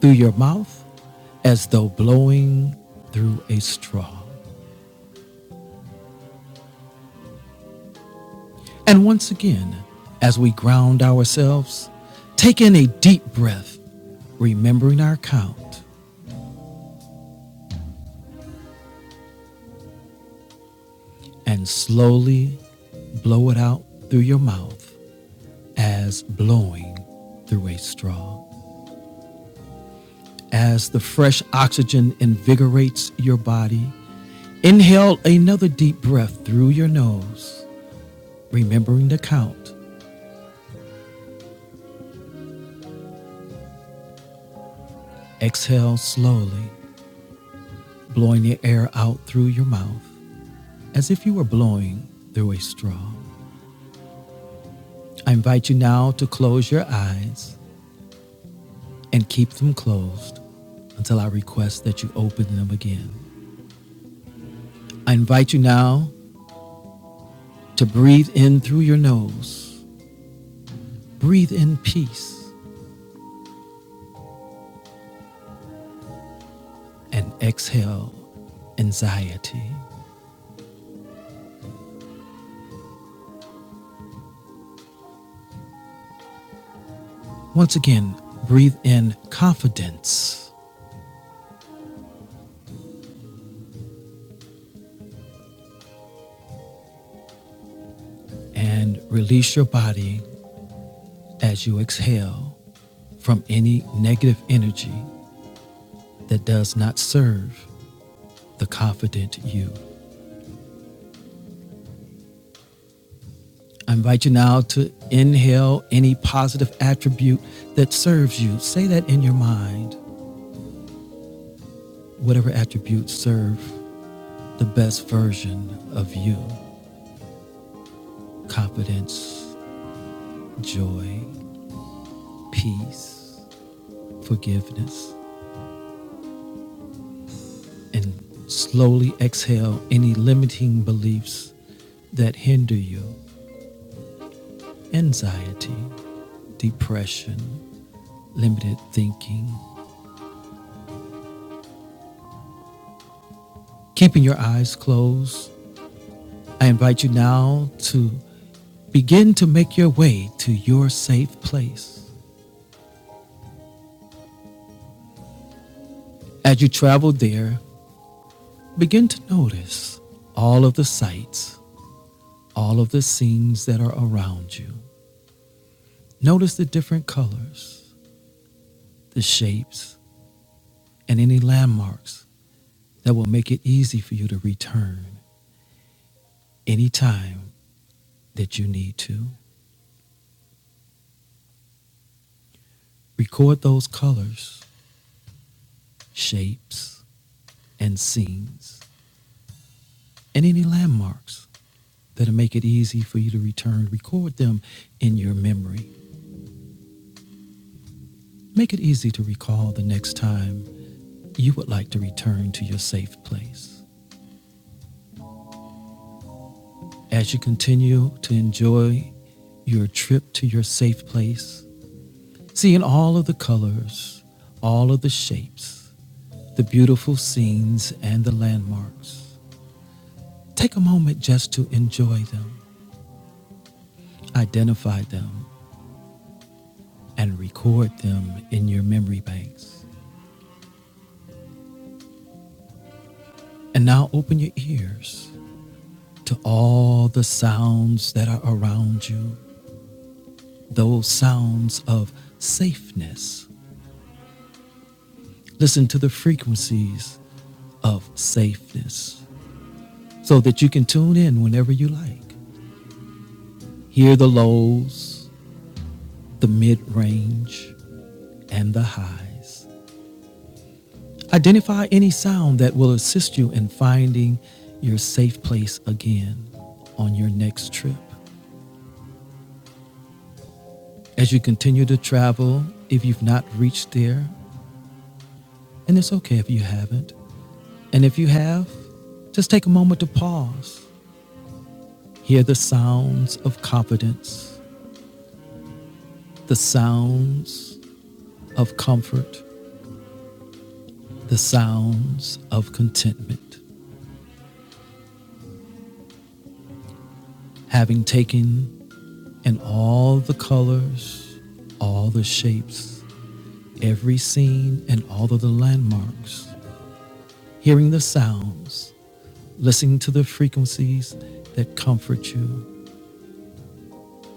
Speaker 2: through your mouth as though blowing through a straw. And once again, as we ground ourselves, take in a deep breath, remembering our count, and slowly blow it out through your mouth as blowing through a straw. As the fresh oxygen invigorates your body, inhale another deep breath through your nose, remembering to count. Exhale slowly, blowing the air out through your mouth as if you were blowing through a straw. I invite you now to close your eyes and keep them closed until I request that you open them again. I invite you now to breathe in through your nose Breathe in peace and exhale anxiety. Once again, breathe in confidence and release your body as you exhale from any negative energy that does not serve the confident you. I invite you now to inhale any positive attribute that serves you. Say that in your mind. Whatever attributes serve the best version of you confidence, joy, peace, forgiveness, and slowly exhale any limiting beliefs that hinder you anxiety, depression, limited thinking. Keeping your eyes closed, I invite you now to begin to make your way to your safe place. As you travel there, begin to notice all of the sights, all of the scenes that are around you. Notice the different colors, the shapes, and any landmarks that will make it easy for you to return anytime that you need to. Record those colors, shapes, and scenes, and any landmarks that'll make it easy for you to return. Record them in your memory. Make it easy to recall the next time you would like to return to your safe place. As you continue to enjoy your trip to your safe place, seeing all of the colors, all of the shapes, the beautiful scenes, and the landmarks. Take a moment just to enjoy them, identify them, and record them in your memory banks. And now open your ears to all the sounds that are around you, those sounds of safeness. Listen to the frequencies of safeness so that you can tune in whenever you like. Hear the lows, the mid range, and the highs. Identify any sound that will assist you in finding your safe place again on your next trip. As you continue to travel, if you've not reached there, and it's okay if you haven't, and if you have, just take a moment to pause. Hear the sounds of confidence, the sounds of comfort, the sounds of contentment. Having taken And all the colors, all the shapes, every scene, and all of the landmarks. Hearing the sounds, listening to the frequencies that comfort you.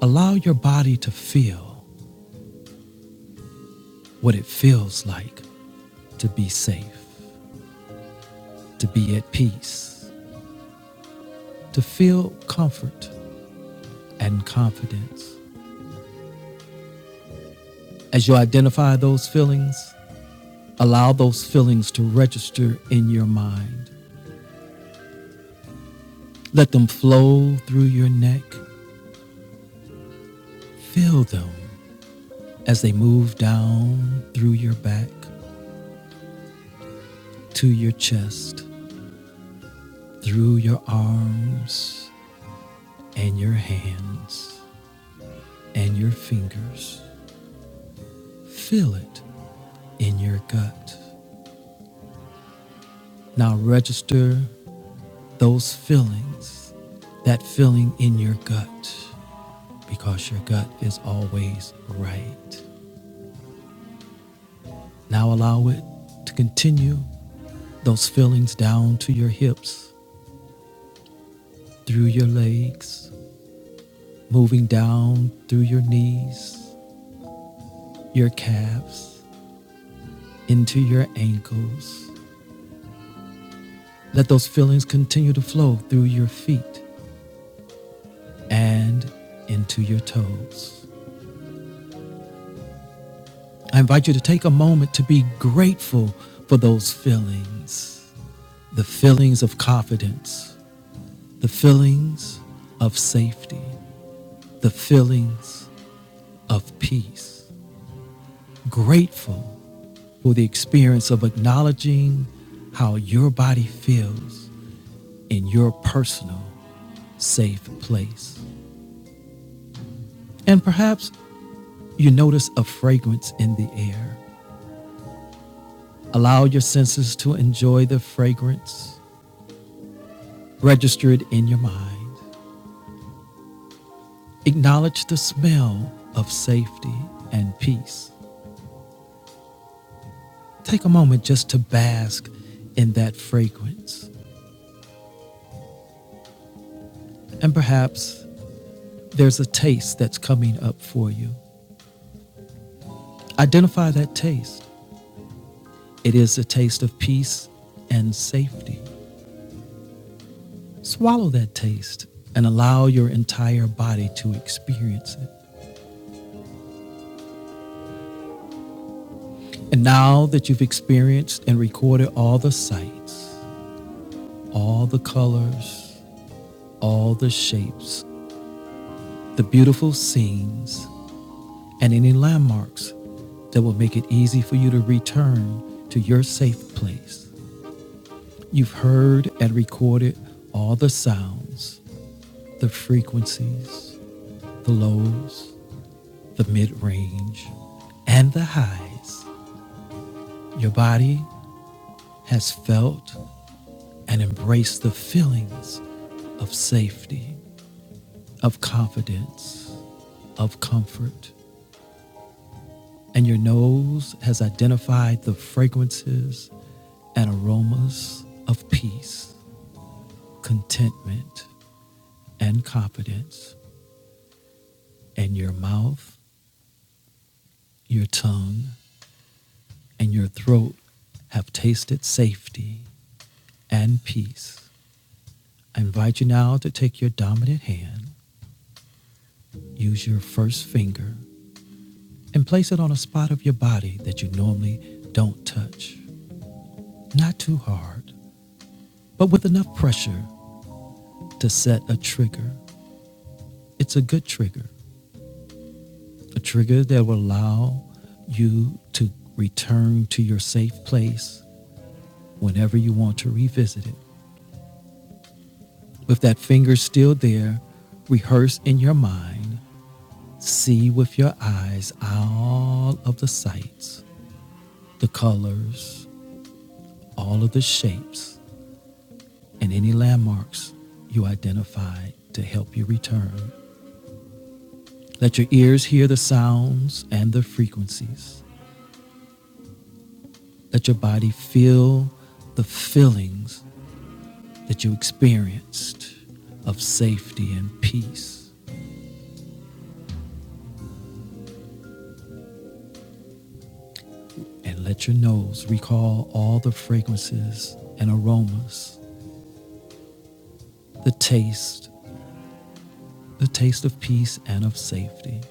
Speaker 2: Allow your body to feel what it feels like to be safe, to be at peace, to feel comfort and confidence. As you identify those feelings, allow those feelings to register in your mind. Let them flow through your neck Feel them as they move down through your back to your chest, through your arms and your hands and your fingers. Feel it in your gut. Now register those feelings, that feeling in your gut, because your gut is always right. Now allow it to continue those feelings down to your hips, through your legs, moving down through your knees, your calves, into your ankles. Let those feelings continue to flow through your feet and into your toes. I invite you to take a moment to be grateful for those feelings the feelings of confidence, the feelings of safety, the feelings of peace. Grateful for the experience of acknowledging how your body feels in your personal safe place. And perhaps you notice a fragrance in the air. Allow your senses to enjoy the fragrance. Register it in your mind. Acknowledge the smell of safety and peace. Take a moment just to bask in that fragrance. And perhaps there's a taste that's coming up for you. Identify that taste. It is a taste of peace and safety. Swallow that taste and allow your entire body to experience it. And now that you've experienced and recorded all the sights, all the colors, all the shapes, the beautiful scenes, and any landmarks that will make it easy for you to return to your safe place, you've heard and recorded all the sounds, the frequencies, the lows, the mid range, and the highs Your body has felt and embraced the feelings of safety, of confidence, of comfort. And your nose has identified the fragrances and aromas of peace, contentment, and confidence. And your mouth, your tongue, and your throat have tasted safety and peace. I invite you now to take your dominant hand, use your first finger and place it on a spot of your body that you normally don't touch. Not too hard, but with enough pressure to set a trigger. It's a good trigger, a trigger that will allow you to return to your safe place whenever you want to revisit it. With that finger still there, rehearse in your mind, see with your eyes all of the sights, the colors, all of the shapes and any landmarks you identified to help you return. Let your ears hear the sounds and the frequencies. Let your body feel the feelings that you experienced of safety and peace. And let your nose recall all the fragrances and aromas, the taste, the taste of peace and of safety.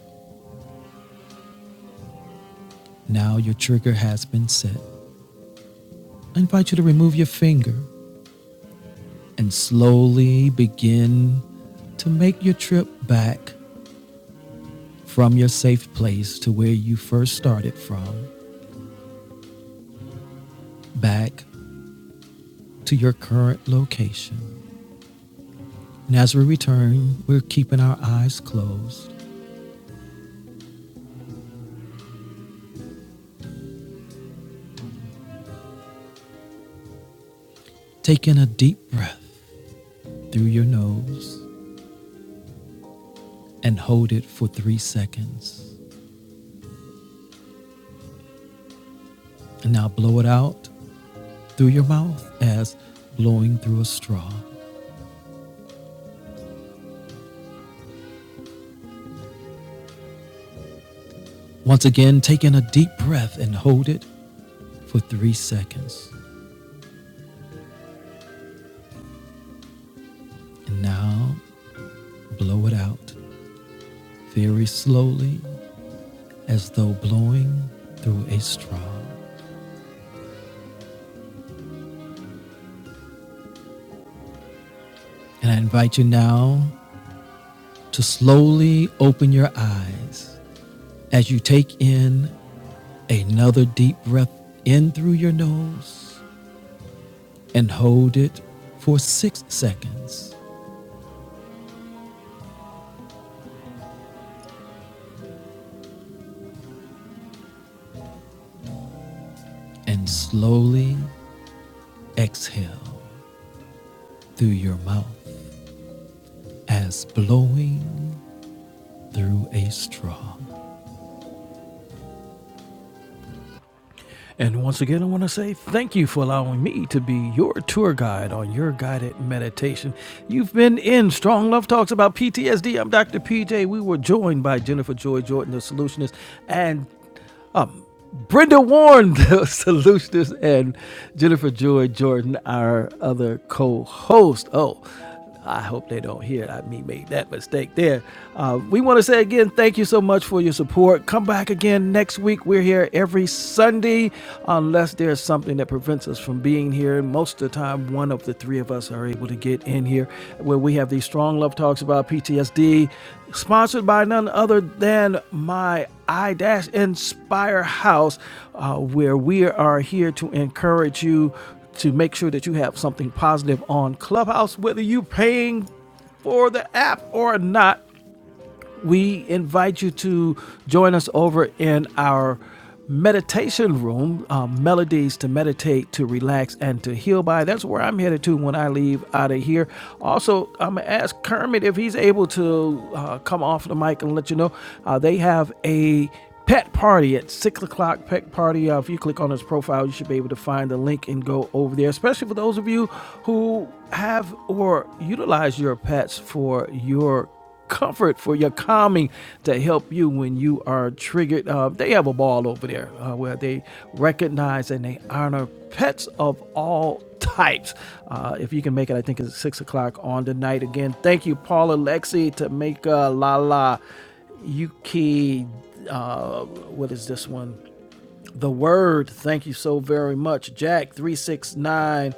Speaker 2: Now your trigger has been set. I invite you to remove your finger and slowly begin to make your trip back from your safe place to where you first started from, back to your current location. And as we return, we're keeping our eyes closed. Take in a deep breath through your nose and hold it for three seconds. And now blow it out through your mouth as blowing through a straw. Once again, take in a deep breath and hold it for three seconds. And now Blow it out very slowly as though blowing through a straw. And I invite you now to slowly open your eyes as you take in another deep breath in through your nose and hold it for six seconds and slowly exhale through your mouth as blowing through a straw. And once again, I want to say thank you for allowing me to be your tour guide on your guided meditation. You've been in Strong Love Talks about PTSD. I'm Dr. PJ. We were joined by Jennifer Joy Jordan, the solutionist, and Brenda Warren, the solutionist, and Jennifer Joy Jordan, our other co host. Oh, I hope they don't hear I me made that mistake there. Uh, we want to say again, thank you so much for your support. Come back again next week. We're here every Sunday, unless there's something that prevents us from being here. Most of the time, one one of the three of us are able to get in here where we have these strong love talks about PTSD, sponsored by none other than my I Inspire House, uh, where we are here to encourage you to make sure that you have something positive on Clubhouse, whether you're paying for the app or not we invite you to join us over in our meditation room, um, Melodies to Meditate, to Relax, and to Heal by. That's where I'm headed to when I leave out of here. Also, I'm going to ask Kermit if he's able to uh, come off the mic and let you know. Uh, they have a pet party at six o'clock pet party uh, if you click on his profile you should be able to find the link and go over there especially for those of you who have or utilize your pets for your comfort, for your calming to help you when you are triggered. Uh, they have a ball over there uh, where they recognize and they honor pets of all types. Uh, if you can make it, I think it's six o'clock on tonight. Again, thank you, Paula, Lexi, Tamika, Lala, Yuki. Uh, what is this one? The word, thank you so very much. Jack 369,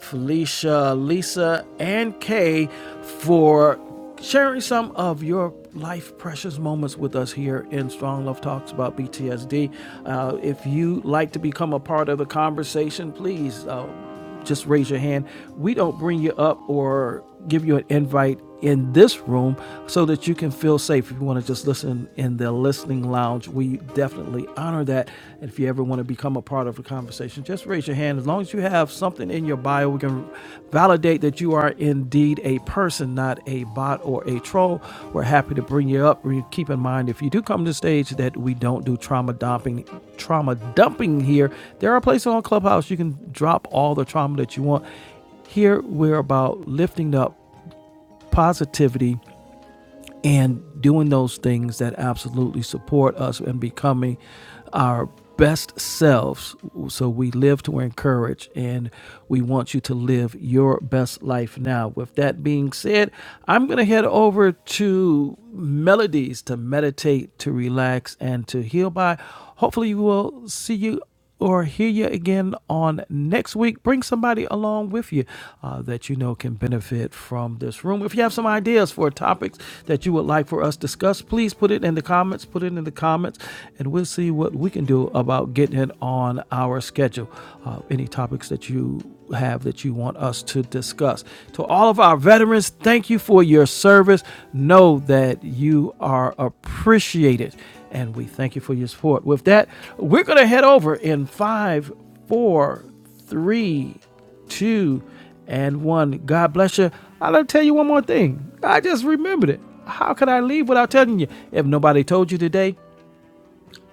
Speaker 2: Felicia, Lisa, and Kay for sharing some of your life precious moments with us here in Strong Love Talks about BTSD. Uh, if you like to become a part of the conversation, please. Uh, just raise your hand. We don't bring you up or give you an invite in this room so that you can feel safe. If you want to just listen in the listening lounge, we definitely honor that. And if you ever want to become a part of the conversation, just raise your hand. As long as you have something in your bio, we can validate validate that you are indeed a person, not a bot or a troll. We're happy to bring you up. Re- Keep in mind, if you do come to the stage, that we don't do trauma dumping. Trauma dumping here. There are places on Clubhouse you can drop all the trauma that you want. Here we're about lifting up positivity and doing those things that absolutely support us and becoming our best selves. So we live to encourage, and we want you to live your best life now. With that being said, I'm going to head over to melodies to meditate, to relax, and to heal by. Hopefully, we will see you or hear you again on next week. Bring somebody along with you uh, that you know can benefit from this room. If you have some ideas for topics that you would like for us to discuss, please put it in the comments. Put it in the comments, and we'll see what we can do about getting it on our schedule. Uh, any topics that you have that you want us to discuss. To all of our veterans, thank you for your service. Know that you are appreciated and we thank you for your support. With that, we're going to head over in five, four, three, two, and one. God bless you. i will going tell you one more thing. I just remembered it. How could I leave without telling you? If nobody told you today,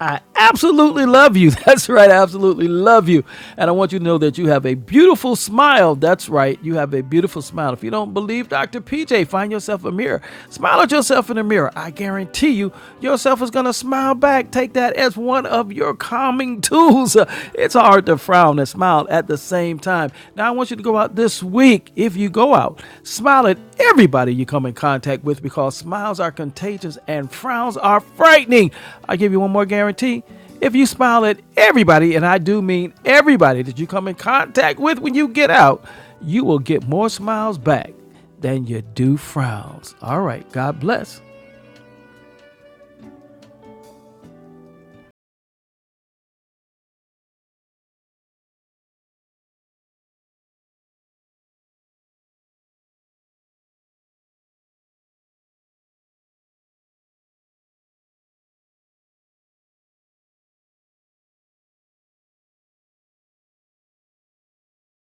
Speaker 2: I absolutely love you. That's right. I absolutely love you. And I want you to know that you have a beautiful smile. That's right. You have a beautiful smile. If you don't believe Dr. PJ, find yourself a mirror. Smile at yourself in the mirror. I guarantee you, yourself is going to smile back. Take that as one of your calming tools. It's hard to frown and smile at the same time. Now, I want want you to go out this week. If you go out, smile at everybody you come in contact with because smiles are contagious and frowns are frightening. I give you one more guarantee. If you smile at everybody, and I do mean everybody that you come in contact with when you get out, you will get more smiles back than you do frowns. All right, God bless.